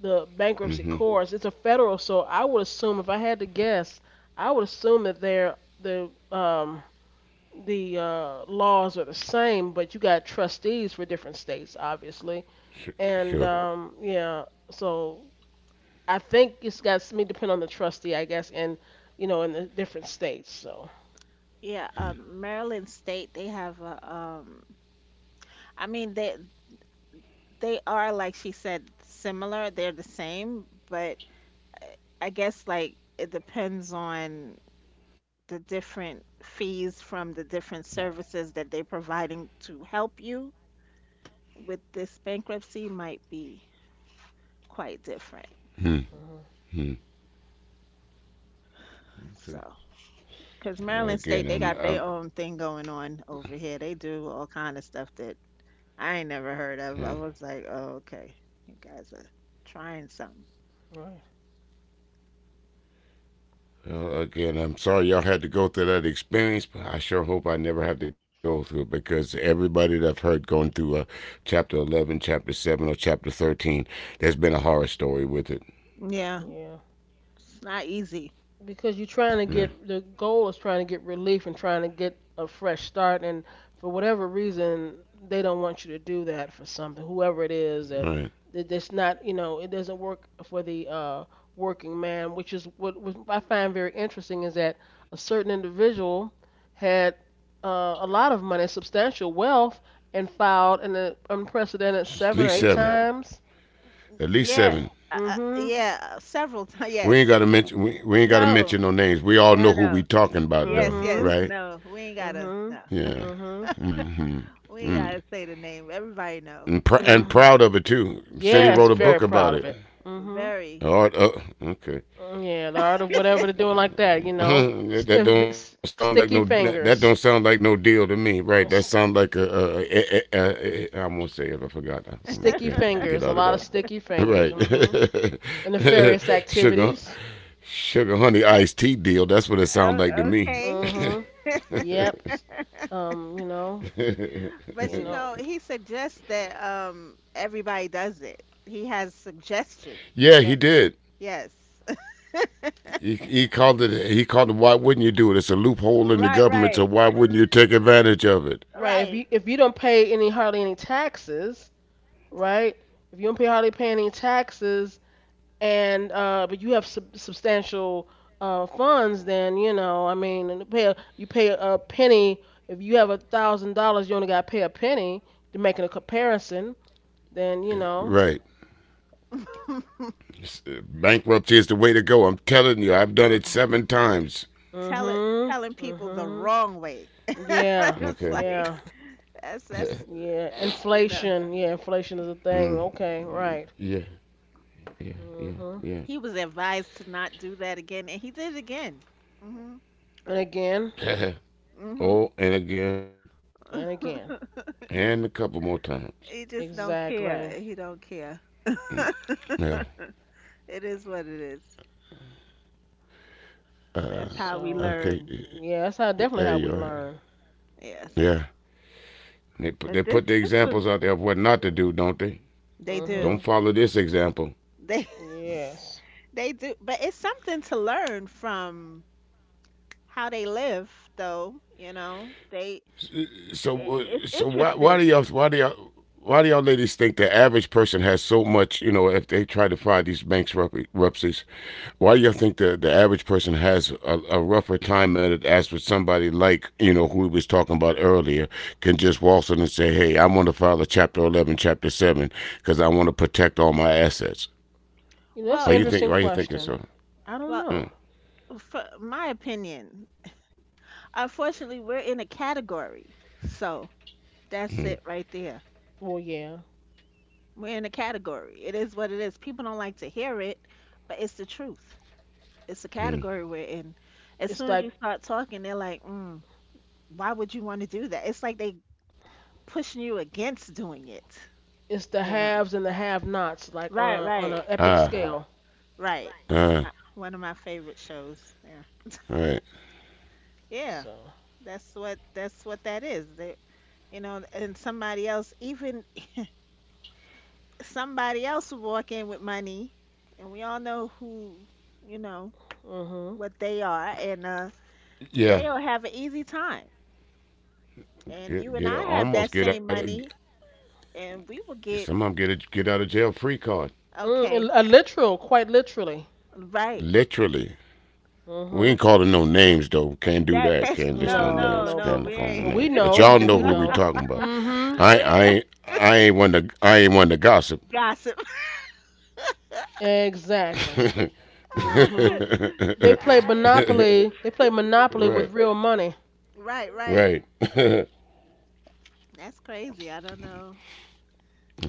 Speaker 1: the bankruptcy
Speaker 3: Mm-hmm.
Speaker 1: courts. It's a federal, so I would assume, if I had to guess, I would assume that they're the laws are the same, but you got trustees for different states, obviously,
Speaker 3: Sure.
Speaker 1: and right.
Speaker 3: Sure.
Speaker 1: Yeah, so I think it's got to depend on the trustee, I guess, and you know, in the different states. So,
Speaker 2: yeah, Maryland State, they have a, I mean, they are, like she said, similar, they're the same, but uh, I guess, like, it depends on the different fees from the different services that they're providing to help you with this bankruptcy might be quite different.
Speaker 3: Hmm.
Speaker 1: hmm,
Speaker 3: Hmm.
Speaker 2: So, because
Speaker 3: Okay.
Speaker 2: Maryland
Speaker 3: Again,
Speaker 2: State, they
Speaker 3: I'm.
Speaker 2: got their
Speaker 3: I'm
Speaker 2: own thing going on over here. They do all kind of stuff that I ain't never heard
Speaker 3: yeah.
Speaker 2: of. I was like, oh, okay, you guys are trying something.
Speaker 1: right,
Speaker 3: Again, I'm sorry y'all had to go through that experience, but I sure hope I never have to go through it because everybody that I've heard going through chapter 11, chapter 7, or chapter 13, there's been a horror story with it.
Speaker 2: Yeah,
Speaker 1: yeah.
Speaker 2: it's not easy.
Speaker 1: Because you're trying to
Speaker 3: Yeah,
Speaker 1: get, the goal is trying to get relief and trying to get a fresh start, and for whatever reason they don't want you to do that for something, whoever it is,
Speaker 3: all
Speaker 1: that
Speaker 3: right.
Speaker 1: that it's not, you know, it doesn't work for the working man, which is what I find very interesting is that a certain individual had a lot of money, substantial wealth, and filed an unprecedented
Speaker 3: At least
Speaker 1: seven or eight
Speaker 3: seven.
Speaker 1: times.
Speaker 3: At least
Speaker 2: Yeah,
Speaker 3: seven.
Speaker 1: Mhm,
Speaker 2: yeah, several times.
Speaker 3: We ain't
Speaker 2: Yes.
Speaker 3: gotta mention. We ain't gotta
Speaker 2: No,
Speaker 3: mention no names. We all
Speaker 2: no,
Speaker 3: know who we
Speaker 2: no.
Speaker 3: talking about, though,
Speaker 2: Yes,
Speaker 1: mhm,
Speaker 2: yes,
Speaker 3: right?
Speaker 2: no. We ain't gotta,
Speaker 1: mhm,
Speaker 2: no.
Speaker 3: Yeah.
Speaker 1: mhm,
Speaker 3: Mm-hmm.
Speaker 2: We
Speaker 3: Mm.
Speaker 2: ain't gotta say the name. Everybody know.
Speaker 3: And proud
Speaker 1: mhm.
Speaker 3: of it too. Said he
Speaker 1: Yes,
Speaker 2: Very,
Speaker 3: wrote a
Speaker 1: very. Very
Speaker 3: book
Speaker 1: proud of
Speaker 3: about
Speaker 1: it.
Speaker 3: it.
Speaker 1: Hmm.
Speaker 2: very.
Speaker 3: Art. Okay.
Speaker 1: Yeah, the art of whatever they're doing like that, you know.
Speaker 3: That don't sound like
Speaker 1: Sticky
Speaker 3: no.
Speaker 1: fingers.
Speaker 3: Don't sound like no deal to me,
Speaker 1: Uh,
Speaker 3: right? That
Speaker 1: s-
Speaker 3: sounds like a I'm gonna say it. I forgot.
Speaker 2: But
Speaker 1: Sticky
Speaker 3: Yeah, get
Speaker 1: fingers. A
Speaker 3: out of
Speaker 1: lot of
Speaker 3: that.
Speaker 1: sticky fingers.
Speaker 3: Right,
Speaker 1: Hmm. And nefarious
Speaker 3: sugar,
Speaker 1: activities.
Speaker 3: sugar, honey, iced tea deal. That's what it sounds like to
Speaker 2: o
Speaker 3: me.
Speaker 2: okay,
Speaker 1: Hmm. Yep. You know,
Speaker 2: but
Speaker 1: you
Speaker 2: you
Speaker 1: know.
Speaker 2: know, he suggests that everybody does it. He has suggestions
Speaker 3: yeah, he
Speaker 2: that
Speaker 3: did.
Speaker 2: yes.
Speaker 3: He
Speaker 1: Okay.
Speaker 3: called it. He called it. Why wouldn't you do it? It's a loophole in the
Speaker 2: Right,
Speaker 3: government. So
Speaker 2: right,
Speaker 3: why wouldn't you take advantage of it?
Speaker 1: Right. If
Speaker 2: right.
Speaker 1: you if you don't pay any, hardly any taxes, right? If you don't pay, hardly pay any taxes, and but you have substantial funds, then you know, I mean, and pay a, you pay a penny. If you have $1,000, you only got to pay a penny, to making a comparison. Then you know,
Speaker 3: Right. Bankruptcy is the way to go. I'm telling you. I've done it seven times.
Speaker 2: Tell it
Speaker 1: mhm,
Speaker 2: telling people the
Speaker 1: mhm,
Speaker 2: wrong way.
Speaker 1: yeah, yeah,
Speaker 2: It's
Speaker 3: Okay.
Speaker 2: like
Speaker 1: yeah,
Speaker 2: that's that's
Speaker 1: yeah.
Speaker 2: that's.
Speaker 1: Inflation, yeah, inflation is a thing.
Speaker 3: Mm,
Speaker 1: Okay, right.
Speaker 3: yeah, yeah, yeah,
Speaker 1: Mhm,
Speaker 2: He was advised to not do that again and he did it again. Mhm.
Speaker 1: and again,
Speaker 3: yeah.
Speaker 2: Mhm.
Speaker 3: oh, and again,
Speaker 1: and again,
Speaker 3: and a couple more times.
Speaker 2: He just don't
Speaker 1: exactly.
Speaker 2: care. He don't care.
Speaker 3: Yeah.
Speaker 2: It is what it is. That's
Speaker 3: Uh,
Speaker 2: how we
Speaker 1: So,
Speaker 3: okay.
Speaker 2: learn.
Speaker 1: yeah, that's how, definitely
Speaker 3: There
Speaker 1: how we,
Speaker 3: you
Speaker 1: yeah,
Speaker 3: are.
Speaker 1: learn.
Speaker 2: Yes.
Speaker 3: Yeah. They
Speaker 2: But
Speaker 3: put
Speaker 2: this
Speaker 3: the
Speaker 2: this
Speaker 3: examples
Speaker 2: was.
Speaker 3: out there of what not to do, don't they?
Speaker 2: They do.
Speaker 3: Don't
Speaker 1: Mhm,
Speaker 3: follow this example.
Speaker 2: They
Speaker 1: yes.
Speaker 2: they do. But it's something to learn from how they live though. They
Speaker 3: So
Speaker 2: it's
Speaker 3: so
Speaker 2: interesting.
Speaker 3: why do y'all ladies think the average person has so much? You know, if they try to find these bankruptcies, why do you think the average person has a rougher time at it as with somebody like you know who we was talking about earlier can just waltz in and say hey I want to file a chapter 11 chapter 7 because I want to protect all my assets
Speaker 1: You know, that's
Speaker 3: why
Speaker 1: an
Speaker 2: Well,
Speaker 3: you think
Speaker 1: interesting
Speaker 3: why you thinking
Speaker 1: question.
Speaker 3: so.
Speaker 1: I don't
Speaker 2: well,
Speaker 3: Hmm,
Speaker 1: know.
Speaker 2: for my opinion, unfortunately we're in a category. So,
Speaker 3: hmm,
Speaker 2: that's it right there.
Speaker 1: Well, yeah,
Speaker 2: We're in a category. It is what it is. People don't like to hear it, but it's the truth. It's a
Speaker 3: hmm.
Speaker 2: category we're in. As
Speaker 1: it's
Speaker 2: soon as you
Speaker 1: like
Speaker 2: start talking, they're like, mm, why would you want to do that? It's like they pushing you against doing it,
Speaker 1: it's the
Speaker 2: you know.
Speaker 1: haves and the have-nots, like
Speaker 2: Right,
Speaker 1: on a
Speaker 2: right,
Speaker 1: epic
Speaker 3: ah
Speaker 1: scale.
Speaker 2: right.
Speaker 3: ah
Speaker 2: One of my favorite shows. Yeah.
Speaker 3: all right
Speaker 2: Yeah.
Speaker 1: So,
Speaker 2: That's what that is. They, and somebody else, even somebody else will walk in with money, and we all know who, you know,
Speaker 1: mhm,
Speaker 2: what they are, and
Speaker 3: yeah
Speaker 2: they'll have an easy time. And you
Speaker 3: get
Speaker 2: and I
Speaker 3: almost
Speaker 2: have
Speaker 3: get
Speaker 2: that
Speaker 3: out of
Speaker 2: same money, and we will
Speaker 3: some of them get
Speaker 2: get
Speaker 3: a get out of jail free card
Speaker 1: mm,
Speaker 2: okay,
Speaker 1: and a literal, quite literally.
Speaker 2: right.
Speaker 3: literally we
Speaker 1: Mhm.
Speaker 3: ain't calling no names though can't do
Speaker 2: That
Speaker 3: that
Speaker 2: that's
Speaker 3: can't list no
Speaker 2: no,
Speaker 1: No, no,
Speaker 2: no,
Speaker 3: names
Speaker 1: no,
Speaker 2: no.
Speaker 3: can't
Speaker 2: We
Speaker 3: call no
Speaker 2: ain't
Speaker 1: but
Speaker 3: names
Speaker 1: we
Speaker 3: but y'all
Speaker 1: know, but
Speaker 3: know who
Speaker 1: we
Speaker 3: we
Speaker 1: know.
Speaker 3: talking about
Speaker 1: Mhm.
Speaker 3: I
Speaker 2: we ain't
Speaker 3: I ain't one to I ain't one to gossip.
Speaker 2: gonna
Speaker 1: Exactly. Mhm. They play
Speaker 2: I,
Speaker 1: Monopoly. They play Monopoly with
Speaker 3: right,
Speaker 1: real money.
Speaker 2: right, right,
Speaker 3: right.
Speaker 2: right. That's crazy. I don't know.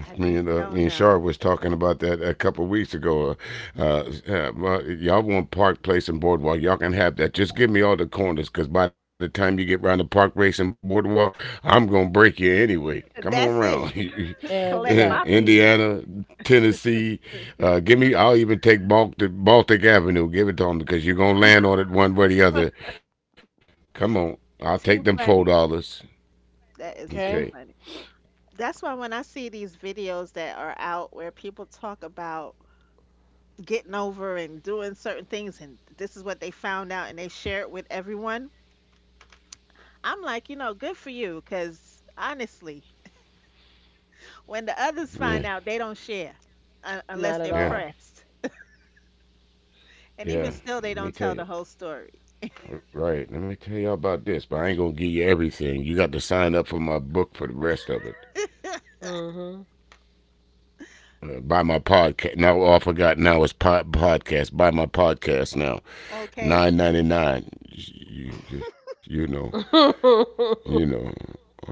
Speaker 2: I
Speaker 3: Me
Speaker 2: just
Speaker 3: and, me
Speaker 2: don't
Speaker 3: and Shar
Speaker 2: know.
Speaker 3: was talking about that a couple of weeks ago. Uh, uh, well, y'all want Park Place and Boardwalk? Y'all can have that. Just give me all the corners, cause by the time you get round the Park Place and Boardwalk, I'm gonna break you anyway. Come on
Speaker 2: That's it.
Speaker 3: around,
Speaker 2: Collect my
Speaker 1: Exactly.
Speaker 2: fees.
Speaker 3: Indiana, Tennessee. Give me. I'll even take Baltic, Baltic Avenue. Give it to them because you're gonna land on it one way or the other. Come on, I'll take
Speaker 2: Too
Speaker 3: them four
Speaker 2: funny.
Speaker 3: dollars.
Speaker 2: That is too
Speaker 1: Okay.
Speaker 3: Okay.
Speaker 2: funny. That's why when I see these videos that are out where people talk about getting over and doing certain things and this is what they found out and they share it with everyone, I'm like, you know, good for you because honestly, when the others find
Speaker 3: Yeah.
Speaker 2: out, they don't share, unless
Speaker 1: Not at
Speaker 2: they're
Speaker 3: Yeah.
Speaker 1: all.
Speaker 2: pressed. And even
Speaker 3: Yeah.
Speaker 2: still, they
Speaker 3: Let
Speaker 2: don't
Speaker 3: me
Speaker 2: tell
Speaker 3: tell
Speaker 2: the
Speaker 3: you.
Speaker 2: whole story.
Speaker 3: Right. Let me tell y'all about this, but I ain't gonna give you everything. You got to sign up for my book for the rest of it.
Speaker 1: Mhm.
Speaker 3: Buy my podcast now. All I forgot now is pod- podcast. Buy my podcast now.
Speaker 2: Okay.
Speaker 3: 9.99. You know, you know.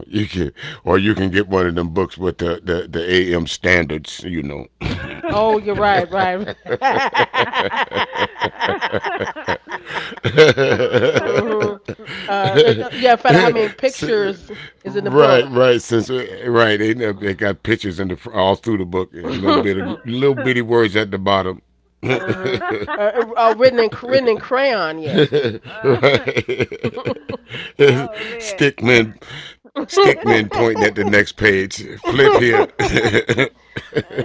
Speaker 3: You can, or you can get one of them books with the AM standards. You know,
Speaker 1: Oh, you're right, right.
Speaker 3: S-
Speaker 1: Hmm. Yeah, I found out how many pictures is in the
Speaker 3: right,
Speaker 1: book.
Speaker 3: right, since right, they got pictures in the all through the book, and little bit of
Speaker 1: Mm-hmm.
Speaker 3: little bitty words at the bottom. right.
Speaker 1: Uh, Written in, written in crayon yet.
Speaker 2: Oh man.
Speaker 3: Stickman, Stickman pointing at the next page. Flip here.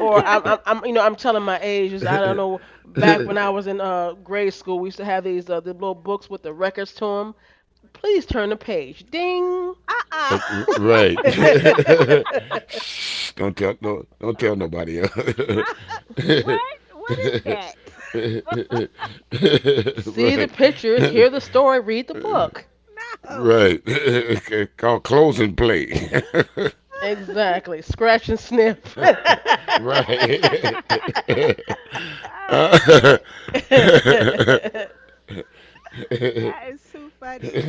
Speaker 1: Or I'm, you know, I'm telling my age. Is, I don't know. Back when I was in grade school, we used to have these the little books with the records to them. Please turn the page. Ding.
Speaker 2: Uh-uh.
Speaker 3: Uh, right. Shh, don't tell no, don't tell nobody.
Speaker 2: What? What is that?
Speaker 1: See the
Speaker 3: right.
Speaker 1: pictures, hear the story, read the book.
Speaker 2: No.
Speaker 3: right. Okay, called close and play.
Speaker 1: Exactly. Scratch and sniff.
Speaker 3: right.
Speaker 2: Oh
Speaker 3: uh,
Speaker 2: man.
Speaker 3: uh,
Speaker 2: That is too funny.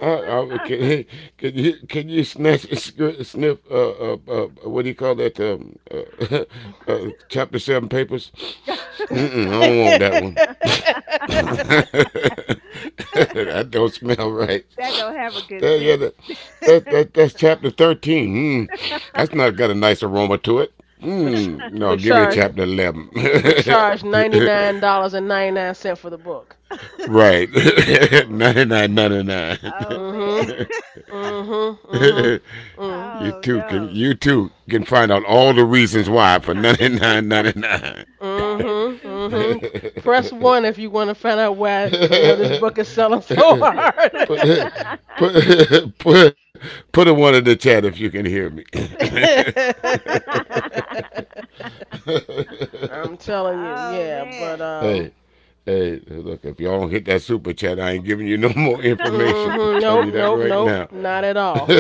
Speaker 3: uh, can, you- can you snatch a sniff what do you call that chapter seven papers?
Speaker 2: That
Speaker 3: Mm-mm, I don't want that one. that don't smell right.
Speaker 2: don't have a good
Speaker 3: That, yeah,
Speaker 2: sense.
Speaker 3: that, that's chapter 13. Mm, that's not got a nice aroma to it.
Speaker 1: but
Speaker 3: Mm, no, give me a
Speaker 1: charge
Speaker 3: chapter 11.
Speaker 1: but charge $99 and 99 cents for the book.
Speaker 3: right, 99, 99.
Speaker 2: Oh man.
Speaker 1: Mhm. Mhm. Mhm. Mhm.
Speaker 2: Oh
Speaker 3: You
Speaker 2: no.
Speaker 3: too can find out all the reasons why for ninety nine, 99.
Speaker 2: That is
Speaker 1: Mhm.
Speaker 2: too
Speaker 1: Mhm.
Speaker 2: funny.
Speaker 1: Press one if you want to find out why you know this book is selling so hard.
Speaker 3: put, put, put, put a one in the chat if you can hear me.
Speaker 2: Two, two.
Speaker 1: I'm telling you,
Speaker 2: Oh
Speaker 1: yeah, but
Speaker 2: man.
Speaker 3: Hey, hey, look, if y'all don't hit that super chat, I ain't giving you no more information. I'm
Speaker 1: mhm,
Speaker 3: telling you
Speaker 1: nope,
Speaker 3: that
Speaker 1: nope,
Speaker 3: right now.
Speaker 1: nope, not at all.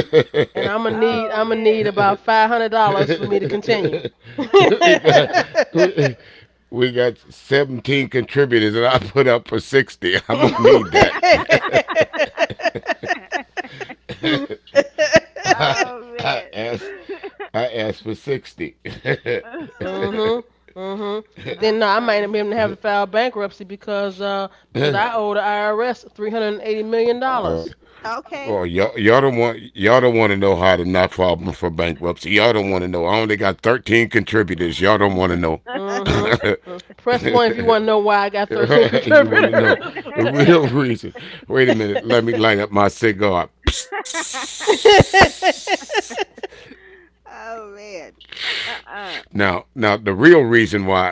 Speaker 1: And
Speaker 2: Oh
Speaker 1: I'm gonna
Speaker 2: man.
Speaker 1: need about five hundred dollars
Speaker 3: we,
Speaker 1: for me to continue.
Speaker 3: got, we, we got 17 contributors, and I put up for 60. I'm going to need that. I,
Speaker 2: Oh
Speaker 3: I
Speaker 2: man.
Speaker 3: asked. I asked for 60.
Speaker 1: Mhm, mhm. But then no, I
Speaker 2: Uh-uh.
Speaker 1: might not be able to have to file bankruptcy because I owe the IRS three hundred and eighty million
Speaker 3: Are you,
Speaker 1: dollars.
Speaker 2: Okay.
Speaker 3: well, y'all don't want to know how to not file for bankruptcy. Y'all don't want to know. I only got 13 contributors. Y'all don't want to know.
Speaker 1: Mm-hmm. Mm. Press one if you want to know why I got 13
Speaker 3: you want to know
Speaker 1: contributors.
Speaker 3: the real reason? Wait a minute. Let me light up my cigar.
Speaker 2: Oh man. Uh-uh.
Speaker 3: Now the real reason why.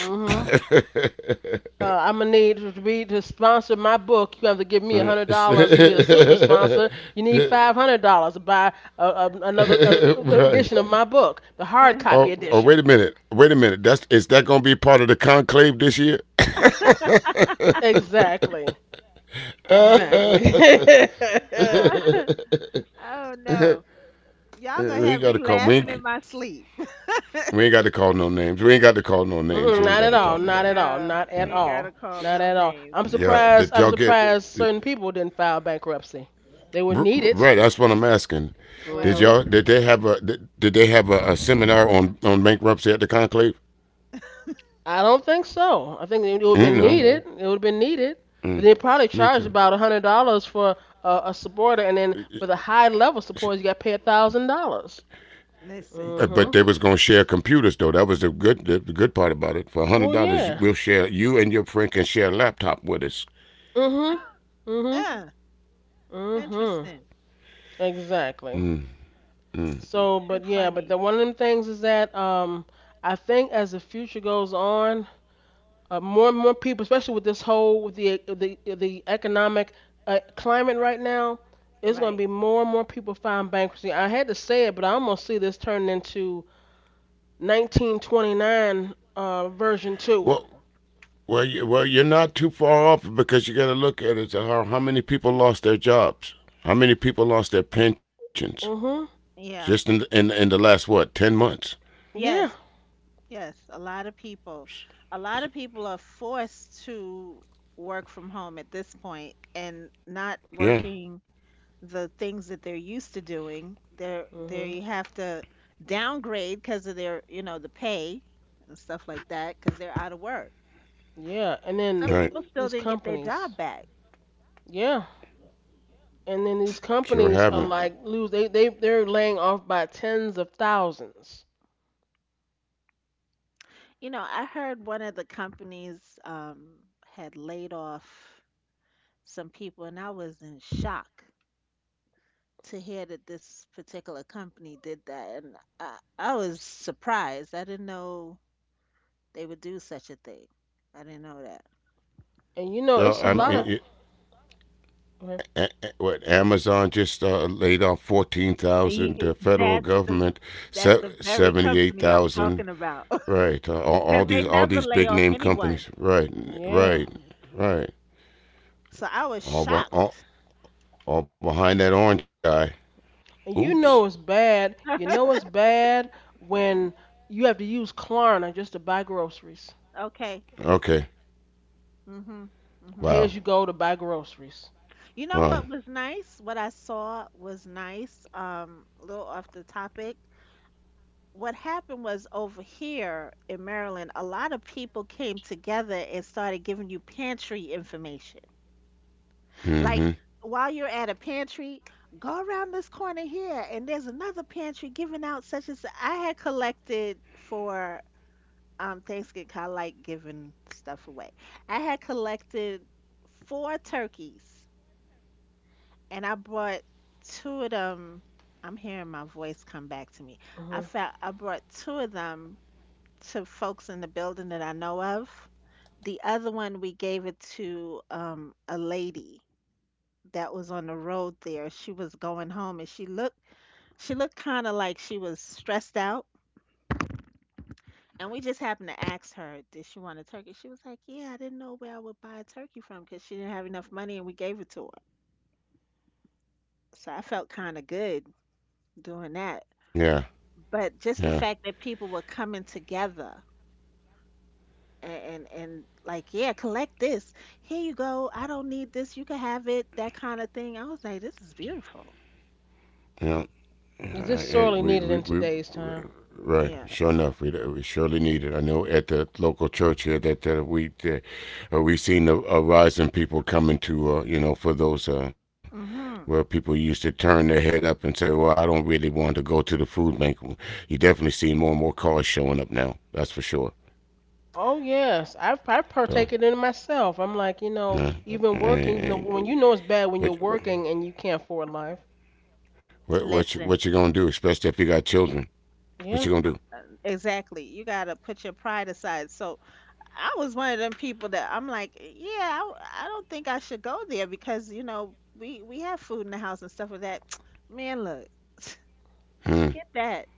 Speaker 1: Mm-hmm. I'm gonna need to be To sponsor my book. You have to give me $100 and be a super sponsor. You need $500 to buy a,
Speaker 3: right.
Speaker 1: edition of my book, the hard copy
Speaker 3: Oh, wait a
Speaker 1: edition.
Speaker 3: minute. Wait a minute. That's is that gonna be part of the conclave this year?
Speaker 1: Exactly. Exactly.
Speaker 2: Oh no. Y'all gonna
Speaker 3: we ain't
Speaker 2: have
Speaker 3: got to
Speaker 2: me
Speaker 3: call.
Speaker 2: laughing in my sleep.
Speaker 3: We ain't got to call no names. We ain't got to call no names.
Speaker 1: Mm-mm,
Speaker 3: We ain't
Speaker 2: No,
Speaker 1: not
Speaker 3: got
Speaker 1: at
Speaker 3: to
Speaker 1: all.
Speaker 3: talk
Speaker 2: we
Speaker 1: Not
Speaker 3: about
Speaker 1: at
Speaker 3: it.
Speaker 1: all.
Speaker 2: no,
Speaker 1: Not
Speaker 2: we
Speaker 1: at
Speaker 2: ain't gotta
Speaker 1: all.
Speaker 2: call
Speaker 1: Not
Speaker 2: no
Speaker 1: at all.
Speaker 2: names.
Speaker 3: Yeah,
Speaker 2: Uh-uh.
Speaker 3: did
Speaker 1: I'm okay,
Speaker 3: y'all get?
Speaker 1: surprised
Speaker 3: Did,
Speaker 1: certain people didn't file bankruptcy. They would
Speaker 3: right,
Speaker 1: need
Speaker 3: that's
Speaker 1: it.
Speaker 3: what I'm
Speaker 1: Right.
Speaker 3: asking. Did y'all?
Speaker 2: Well,
Speaker 1: Mhm.
Speaker 3: Did they have a seminar on bankruptcy at the conclave?
Speaker 1: I don't think so. I think it would have
Speaker 3: Mm,
Speaker 1: been, okay,
Speaker 3: no.
Speaker 1: needed. Okay. It would have been needed. But
Speaker 3: Mm,
Speaker 1: they probably
Speaker 3: me
Speaker 1: charged, okay,
Speaker 3: too.
Speaker 1: about $100 for a supporter, and then for the high level supporters, you got to pay $1,000.
Speaker 3: But they
Speaker 2: listen.
Speaker 3: was gonna
Speaker 1: Mhm.
Speaker 3: share computers though. That was the good the good part about it. For a hundred
Speaker 1: Oh
Speaker 3: dollars, we'll
Speaker 1: yeah.
Speaker 3: share. You and your friend can share a laptop with us.
Speaker 1: Mhm. Mhm.
Speaker 2: Uh,
Speaker 1: Mhm.
Speaker 2: interesting.
Speaker 1: Exactly.
Speaker 3: Mm, mm.
Speaker 1: So,
Speaker 2: Too
Speaker 1: but yeah, but the
Speaker 2: funny.
Speaker 1: one of them things is that I think as the future goes on, more and more people, especially with this whole with the economic climate right now, it's going to
Speaker 2: Right.
Speaker 1: be more and more people filing bankruptcy. I had to say it, but I almost see this turning into 1929 version two.
Speaker 3: Well, well, you're not too far off because you got to look at it. How many people lost their jobs? How many people lost their pensions?
Speaker 1: Mhm.
Speaker 3: Just in
Speaker 2: Yeah.
Speaker 3: in in the last what 10 months?
Speaker 1: Yeah.
Speaker 2: Yes. Yes. A lot of people, a lot of people are forced to work from home at this point and not
Speaker 3: Yeah,
Speaker 2: working the things that they're used to doing. They're
Speaker 1: Mhm.
Speaker 2: they have to downgrade because of their, you know, the pay and stuff like that because they're out of work.
Speaker 1: Yeah. And
Speaker 3: right.
Speaker 1: then
Speaker 2: Some people still
Speaker 1: these
Speaker 2: didn't get their
Speaker 1: companies.
Speaker 2: job back.
Speaker 1: Yeah. And then these
Speaker 3: Sure haven't.
Speaker 1: companies are like lose, they're laying off by tens of thousands.
Speaker 2: You know, I heard one of the companies had laid off some people, and I was in shock to hear that this particular company did that, and I was surprised. I didn't know they would do such a thing. I didn't know that.
Speaker 1: And you know it's
Speaker 3: Well,
Speaker 1: a
Speaker 3: I
Speaker 1: lot
Speaker 3: mean.
Speaker 1: of,
Speaker 3: It,
Speaker 1: wow, okay,
Speaker 3: what Amazon just laid off 14,000.
Speaker 2: Y-
Speaker 3: The
Speaker 2: y-
Speaker 3: federal
Speaker 2: That's
Speaker 3: government
Speaker 2: the that's the very
Speaker 3: seventy eight
Speaker 2: company I'm
Speaker 3: thousand.
Speaker 2: talking about.
Speaker 3: Right. Uh, all,
Speaker 2: Cause
Speaker 3: all
Speaker 2: they
Speaker 1: mhm,
Speaker 3: these all
Speaker 2: never
Speaker 3: these
Speaker 2: lay
Speaker 3: big
Speaker 2: off
Speaker 3: name
Speaker 2: anyone.
Speaker 3: companies. Right.
Speaker 1: yeah.
Speaker 3: Right. Right.
Speaker 2: So I was
Speaker 3: All, be,
Speaker 2: shocked.
Speaker 3: all behind that orange guy.
Speaker 1: And you
Speaker 3: Oops.
Speaker 1: know it's bad. You know it's bad when you have to use Klarna just to buy groceries.
Speaker 2: Okay.
Speaker 3: Okay.
Speaker 2: Mhm. Mhm.
Speaker 1: Pay as you
Speaker 3: Wow.
Speaker 1: go to buy groceries.
Speaker 2: You know what
Speaker 3: Right.
Speaker 2: was nice? What I saw was nice. A little off the topic. What happened was over here in Maryland, a lot of people came together and started giving you pantry information. Like
Speaker 3: Mm-hmm.
Speaker 2: while you're at a pantry, go around this corner here, and there's another pantry giving out such and such. I had collected for Thanksgiving, 'cause I like giving stuff away. I had collected four turkeys, and I brought two of them. I'm hearing my voice come back to me. I
Speaker 1: Hmm.
Speaker 2: felt I brought two of them to folks in the building that I know of. The other one we gave it to a lady that was on the road there. She was going home and she looked, she looked kind of like she was stressed out. And we just happened to ask her, did she want a turkey? She was like, "Yeah, I didn't know where I would buy a turkey from because she didn't have enough money and we gave it to her." So I felt kind of good doing that.
Speaker 3: Yeah. Yeah.
Speaker 2: But just the fact that people were coming together and like, yeah, collect this, here you go, I don't need this, you can have it, that kind of thing. I was like, this is beautiful.
Speaker 3: Yeah. Yeah.
Speaker 1: Is this
Speaker 3: I,
Speaker 1: sorely needed
Speaker 3: we
Speaker 1: in today's time?
Speaker 3: right.
Speaker 2: Yeah.
Speaker 3: Sure enough, we surely need it. I know at the local church here that we seen a rise in people coming to for those where
Speaker 2: Mhm.
Speaker 3: people used to turn their head up and say, "Well, I don't really want to go to the food bank." You definitely see more and more cars showing up now. That's for sure.
Speaker 1: Oh yes, I've partaken
Speaker 3: So,
Speaker 1: in it myself. I'm like, you know,
Speaker 3: uh,
Speaker 1: even working, even though, when, you know, it's bad when you're
Speaker 3: what,
Speaker 1: working and you can't afford life.
Speaker 2: Listen.
Speaker 3: what you gonna do? Especially if you got children,
Speaker 1: Yeah.
Speaker 3: what you gonna do?
Speaker 2: Uh, exactly, you got to put your pride aside. So I was one of them people that I'm like, yeah, I don't think I should go there because we have food in the house and stuff like that. Man, look,
Speaker 3: Hmm.
Speaker 2: forget that,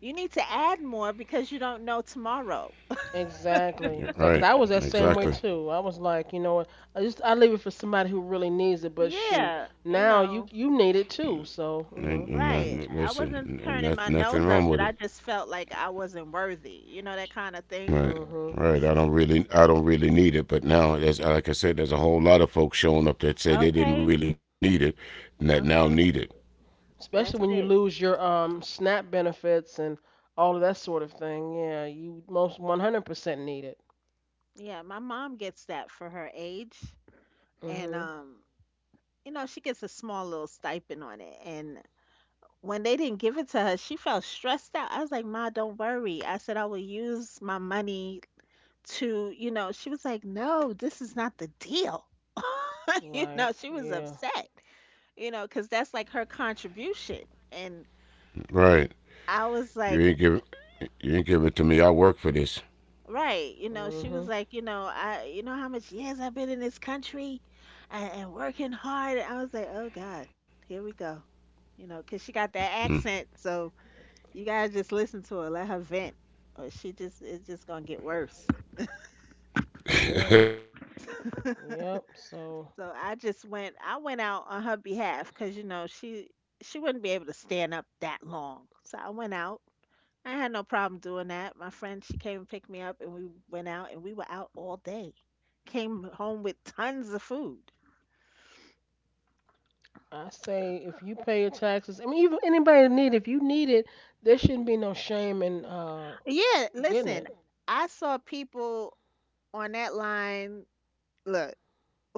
Speaker 2: you need to add more because you don't know tomorrow.
Speaker 1: Exactly. Exactly. Because I
Speaker 3: Right.
Speaker 1: was that same way
Speaker 3: Exactly.
Speaker 1: too. I was like, you know what? I leave it for somebody who really needs it. But shoot,
Speaker 2: Yeah,
Speaker 1: now you you need it too. So you know,
Speaker 2: right. I wasn't
Speaker 3: Listen,
Speaker 2: turning
Speaker 3: that,
Speaker 2: my
Speaker 3: nothing
Speaker 2: nose
Speaker 3: wrong
Speaker 2: up,
Speaker 3: with it.
Speaker 2: but I just felt like I wasn't worthy, that kind of thing.
Speaker 3: Right.
Speaker 1: mhm.
Speaker 3: Right. I don't really need it. But now, as like I said, there's a whole lot of folks showing up that say they didn't
Speaker 2: Okay,
Speaker 3: really need it, and that now need it.
Speaker 2: okay,
Speaker 1: Especially
Speaker 2: that's
Speaker 1: when you
Speaker 2: it.
Speaker 1: lose your SNAP benefits and all of that sort of thing. Yeah, you most 100% need it.
Speaker 2: Yeah, my mom gets that for her age. And
Speaker 1: Mhm.
Speaker 2: she gets a small little stipend on it. And when they didn't give it to her, she felt stressed out. I was like, Ma, don't worry. I said I will use my money to, she was like, no, this is not the deal. You
Speaker 1: Right.
Speaker 2: know, she was
Speaker 1: Yeah.
Speaker 2: upset. Because that's like her contribution. And
Speaker 3: Right.
Speaker 2: I was
Speaker 3: You
Speaker 2: like,
Speaker 3: ain't giving You didn't give it to me. I work for this.
Speaker 2: right, she was
Speaker 1: Mhm.
Speaker 2: like, you know I, you know how much years I've been in this country and working hard. And I was like, oh God, here we go, because she got
Speaker 3: Hmm.
Speaker 2: that accent. So you gotta just listen to her, let her vent, or she just it's just gonna get worse.
Speaker 1: Yeah. Yep. So
Speaker 2: So I went out on her behalf because she wouldn't be able to stand up that long. So I went out. I had no problem doing that. My friend, she came and picked me up, and we went out, and we were out all day. Came home with tons of food.
Speaker 1: I say if you pay your taxes, I mean, even anybody that need, if you need it, there shouldn't be no shame in
Speaker 2: Yeah,
Speaker 1: getting
Speaker 2: listen,
Speaker 1: it.
Speaker 2: I saw people on that line. Look,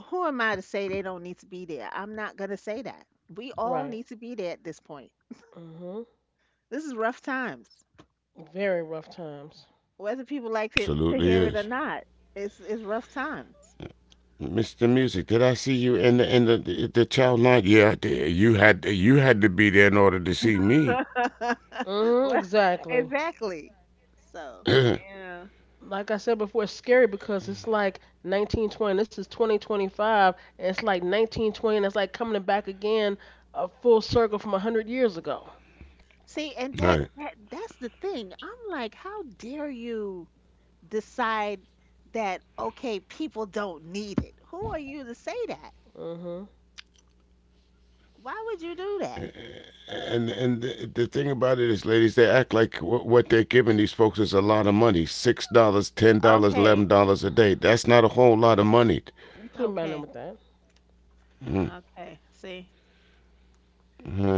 Speaker 2: who am I to say they don't need to be there? I'm not going to say that. We all
Speaker 1: Right.
Speaker 2: need to be there at this point.
Speaker 1: Mhm.
Speaker 2: This is rough times.
Speaker 1: Very rough times.
Speaker 2: Whether people like to
Speaker 3: Absolutely
Speaker 2: hear it or
Speaker 3: is.
Speaker 2: not, it's rough times.
Speaker 3: Mr. Music, did I see you in the the child line? Yeah, I did. You had to be there in order to see me.
Speaker 1: Mhm.
Speaker 2: Well,
Speaker 1: Exactly.
Speaker 2: exactly. So, yeah.
Speaker 1: Like I said before, it's scary because it's like 1920. This is 2025, and it's like 1920, and it's like coming back again, a full circle from 100 years ago.
Speaker 2: See,
Speaker 3: Right.
Speaker 2: and that's the thing. I'm like, how dare you decide that, okay, people don't need it? Who are you to say that?
Speaker 1: Mhm.
Speaker 2: Why would you do that?
Speaker 3: And the thing about it is, ladies, they act like what they're giving these folks is a lot of money, $6, $10,
Speaker 2: Okay.
Speaker 3: $11 a day. That's not a whole lot of money.
Speaker 1: You can't buy nothing
Speaker 2: Okay,
Speaker 1: with that.
Speaker 3: Mm.
Speaker 2: okay. See,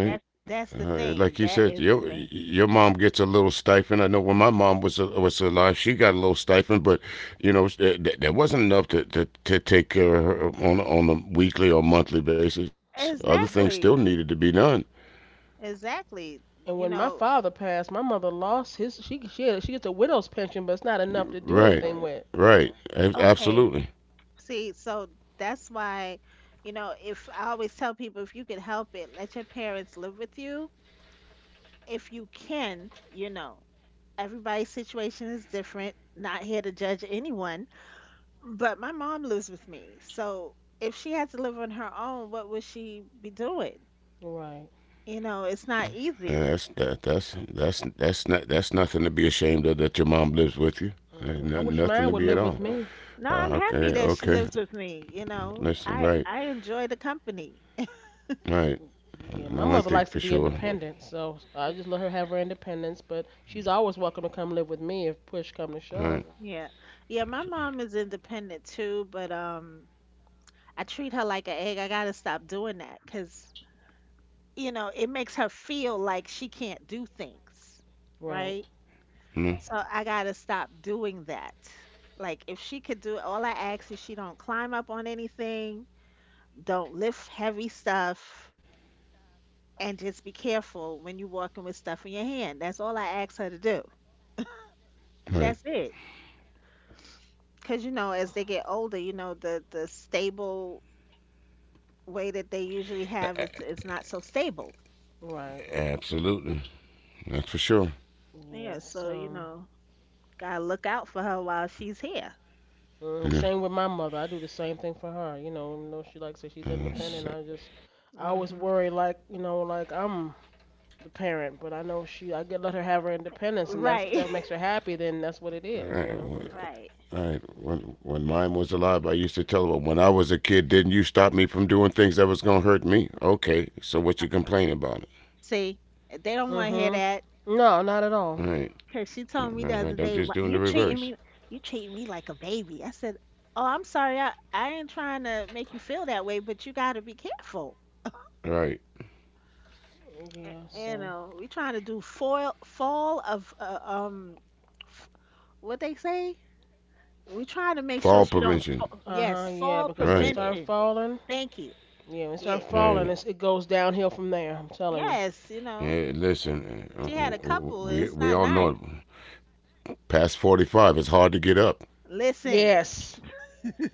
Speaker 2: That's
Speaker 3: Right.
Speaker 2: that's the
Speaker 3: All right.
Speaker 2: thing.
Speaker 3: Like you
Speaker 2: That
Speaker 3: said,
Speaker 2: is the
Speaker 3: your
Speaker 2: thing.
Speaker 3: mom gets a little stipend. I know when my mom was alive, she got a little stipend, but you know that, that wasn't enough to, take care of her on a weekly or monthly basis. Other
Speaker 1: Mhm.
Speaker 3: things still
Speaker 2: Exactly.
Speaker 3: needed to be done.
Speaker 2: Exactly.
Speaker 1: And
Speaker 2: You
Speaker 1: when my
Speaker 2: know,
Speaker 1: father passed, my mother lost his. She had, she gets a widow's pension, but it's not enough to do
Speaker 3: Right,
Speaker 1: anything with.
Speaker 3: right.
Speaker 2: okay.
Speaker 3: Absolutely.
Speaker 2: See, so that's why, if I always tell people, if you can help it, let your parents live with you. If you can, you know, everybody's situation is different. Not here to judge anyone. But my mom lives with me. So if she had to live on her own, what would she be doing?
Speaker 1: Right.
Speaker 2: You know, it's not
Speaker 3: And
Speaker 2: easy.
Speaker 3: that's not, that's nothing to be ashamed of, that your mom lives with you. Ain't
Speaker 1: Mhm. I
Speaker 3: no-
Speaker 1: wish
Speaker 3: nothing
Speaker 1: mine
Speaker 3: to
Speaker 1: would
Speaker 3: be at
Speaker 1: live with
Speaker 3: all.
Speaker 1: me.
Speaker 2: No, I'm happy that she
Speaker 3: Okay.
Speaker 2: lives with me, you know.
Speaker 3: Listen,
Speaker 2: I
Speaker 3: right,
Speaker 2: I enjoy the company.
Speaker 3: right.
Speaker 1: Yeah,
Speaker 3: I
Speaker 1: my
Speaker 3: know one
Speaker 1: mother
Speaker 3: thing
Speaker 2: She
Speaker 1: likes to
Speaker 3: for
Speaker 1: be
Speaker 3: sure.
Speaker 1: independent, so I
Speaker 2: y-
Speaker 1: just let her have her independence. But she's always welcome to come live with me if push come to shove.
Speaker 3: Right.
Speaker 2: yeah. Yeah, my mom is independent too, but I treat her like an egg. I gotta stop doing that because you know, it makes her feel like she can't do things,
Speaker 1: Right,
Speaker 2: right?
Speaker 3: Yeah,
Speaker 2: So I gotta stop doing that. Like if she could do, all I ask is she don't climb up on anything, don't lift heavy stuff, and just be careful when you are walking with stuff in your hand. That's all I ask her to do.
Speaker 3: right.
Speaker 2: That's it. Cause you know, as they get older, you know, the stable way that they usually have is not so stable.
Speaker 1: right.
Speaker 3: Absolutely. That's for sure.
Speaker 2: Yeah,
Speaker 1: Yes.
Speaker 2: so you
Speaker 1: Um,
Speaker 2: know, gotta look out for her while she's here.
Speaker 1: mm,
Speaker 3: Yeah.
Speaker 1: same with my mother. I do the same thing for her. You know, even though she likes to, she's
Speaker 3: Uh,
Speaker 1: independent.
Speaker 3: s-
Speaker 1: I always
Speaker 2: hmm
Speaker 1: worry, like, you know, like I'm the parent, but I know she, I get, let her have her independence, and that's,
Speaker 2: Right.
Speaker 1: that makes her happy. Then that's
Speaker 3: all
Speaker 1: what it is, you know.
Speaker 3: right. All
Speaker 2: Right.
Speaker 3: right. When mine was alive, I used to tell her, "When I was a kid, didn't you stop me from doing things that was gonna hurt me?" Okay. So what you
Speaker 2: Uh,
Speaker 3: complaining about?
Speaker 2: See, they don't want to hear
Speaker 1: Mhm.
Speaker 2: that.
Speaker 1: No, not at
Speaker 3: All
Speaker 1: all.
Speaker 3: right.
Speaker 2: Cause she told me the
Speaker 3: All
Speaker 2: other
Speaker 3: right. I'm
Speaker 2: day, "Why-
Speaker 3: just doing
Speaker 2: "You
Speaker 3: the
Speaker 2: treating me,
Speaker 3: reverse.
Speaker 2: you treating me like a baby." I said, "Oh, I'm sorry. I ain't trying to make you feel that way, but you got to be careful.
Speaker 3: All right.
Speaker 2: A-
Speaker 1: Yeah.
Speaker 2: You
Speaker 1: So.
Speaker 2: know, we trying to do foil fall of f- what they say. We trying to make sure
Speaker 3: Fall
Speaker 2: she don't
Speaker 3: prevention.
Speaker 2: fall.
Speaker 1: Uh
Speaker 2: Yes,
Speaker 1: huh. Yeah.
Speaker 2: fall
Speaker 1: Because
Speaker 3: All
Speaker 1: when it, right,
Speaker 3: right.
Speaker 1: started
Speaker 2: prevention.
Speaker 1: falling.
Speaker 2: Thank you.
Speaker 1: Yeah, when it
Speaker 2: Yes,
Speaker 1: starts
Speaker 3: All
Speaker 1: falling,
Speaker 3: right.
Speaker 1: it's, it goes downhill from there. I'm telling you.
Speaker 2: yes. You
Speaker 3: Hey,
Speaker 2: know,
Speaker 3: listen.
Speaker 2: eh,
Speaker 3: uh,
Speaker 2: she had a
Speaker 3: We
Speaker 2: couple.
Speaker 3: we all
Speaker 2: It's not
Speaker 3: know it.
Speaker 2: nice.
Speaker 3: Past 45, it's hard to get up.
Speaker 2: Listen,
Speaker 1: Yes,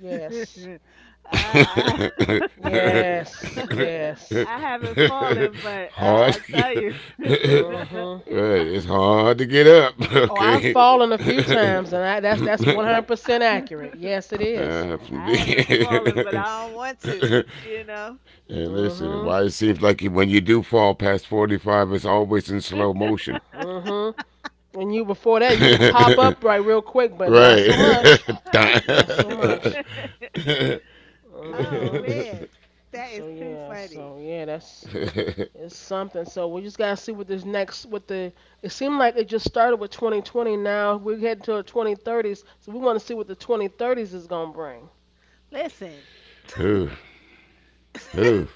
Speaker 1: yes,
Speaker 2: I, I
Speaker 3: Hard
Speaker 1: yes, yes.
Speaker 2: I haven't fallen, but I,
Speaker 3: to get up.
Speaker 2: I tell you,
Speaker 1: Mhm.
Speaker 3: Right, it's hard to get up.
Speaker 1: Oh,
Speaker 3: Okay.
Speaker 1: I've fallen a few times, and I, that's 100% accurate. Yes, it is.
Speaker 3: And
Speaker 2: I haven't fallen, but I don't want to. You know.
Speaker 3: listen,
Speaker 1: Mhm,
Speaker 3: why it seems like when you do fall past 45, it's always in slow motion.
Speaker 1: mhm. And you before that, you can pop
Speaker 3: Right.
Speaker 1: up right real quick, but not so much. Not so much.
Speaker 2: Oh
Speaker 1: Mhm.
Speaker 2: man, that is too funny.
Speaker 1: So yeah, that's, it's something. So we just gotta see what this next, what the. It seemed like it just started with 2020. Now we're heading to the 2030s. So we want to see what the 2030s is gonna bring.
Speaker 2: Listen,
Speaker 3: Ooh, ooh,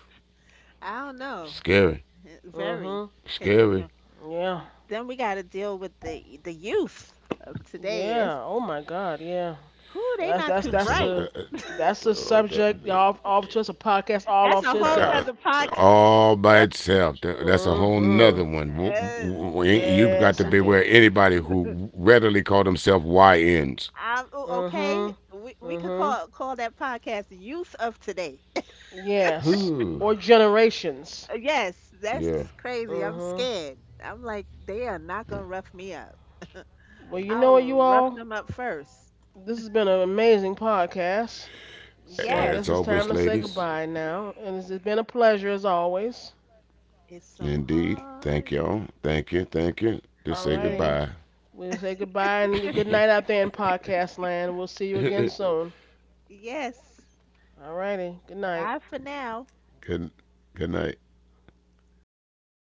Speaker 2: I don't know.
Speaker 3: scary,
Speaker 2: Very,
Speaker 1: Mm-hmm.
Speaker 2: cause
Speaker 3: scary.
Speaker 2: you know.
Speaker 1: Yeah.
Speaker 2: Then we got to deal with the youth of today. That's
Speaker 1: Yeah. Oh my God. Yeah.
Speaker 2: who,
Speaker 1: Well,
Speaker 2: they not too
Speaker 3: That's a,
Speaker 2: bright.
Speaker 1: that's a
Speaker 3: uh,
Speaker 1: subject off, off to us, a podcast all
Speaker 2: That's
Speaker 1: off
Speaker 2: a
Speaker 1: to
Speaker 2: whole
Speaker 1: itself.
Speaker 2: nother podcast.
Speaker 3: all by itself. That's a whole nother
Speaker 1: Mm-hmm.
Speaker 3: one.
Speaker 2: Uh,
Speaker 3: You got to
Speaker 1: Yes, indeed.
Speaker 3: beware anybody who readily call themselves YNs.
Speaker 2: I'm o- okay.
Speaker 1: Mm-hmm.
Speaker 2: We could
Speaker 1: Mm-hmm.
Speaker 2: call that podcast "Youth of Today."
Speaker 1: Yes.
Speaker 3: Whew.
Speaker 1: Or generations.
Speaker 2: Yes,
Speaker 3: Yeah.
Speaker 2: that's crazy. I'm
Speaker 1: Mm-hmm.
Speaker 2: scared. I'm like, they are not gonna rough me up.
Speaker 1: Well, you
Speaker 2: I
Speaker 1: know what,
Speaker 2: will
Speaker 1: you
Speaker 2: rough
Speaker 1: all.
Speaker 2: them up first.
Speaker 1: This has been an amazing podcast. So I
Speaker 2: Yes,
Speaker 3: As
Speaker 1: guess it's
Speaker 3: always,
Speaker 1: time to say
Speaker 3: ladies.
Speaker 1: goodbye now. And it's been a pleasure as always.
Speaker 2: it's
Speaker 3: Indeed.
Speaker 2: so
Speaker 3: Thank y'all.
Speaker 2: hard.
Speaker 3: Thank you. Thank you. Just say goodbye.
Speaker 2: Yes,
Speaker 1: Alrighty. We'll say goodbye and good night out there in podcast land. We'll see you
Speaker 3: Good,
Speaker 1: again soon.
Speaker 2: yes.
Speaker 1: Alrighty. Good night.
Speaker 2: Bye for now.
Speaker 3: good night.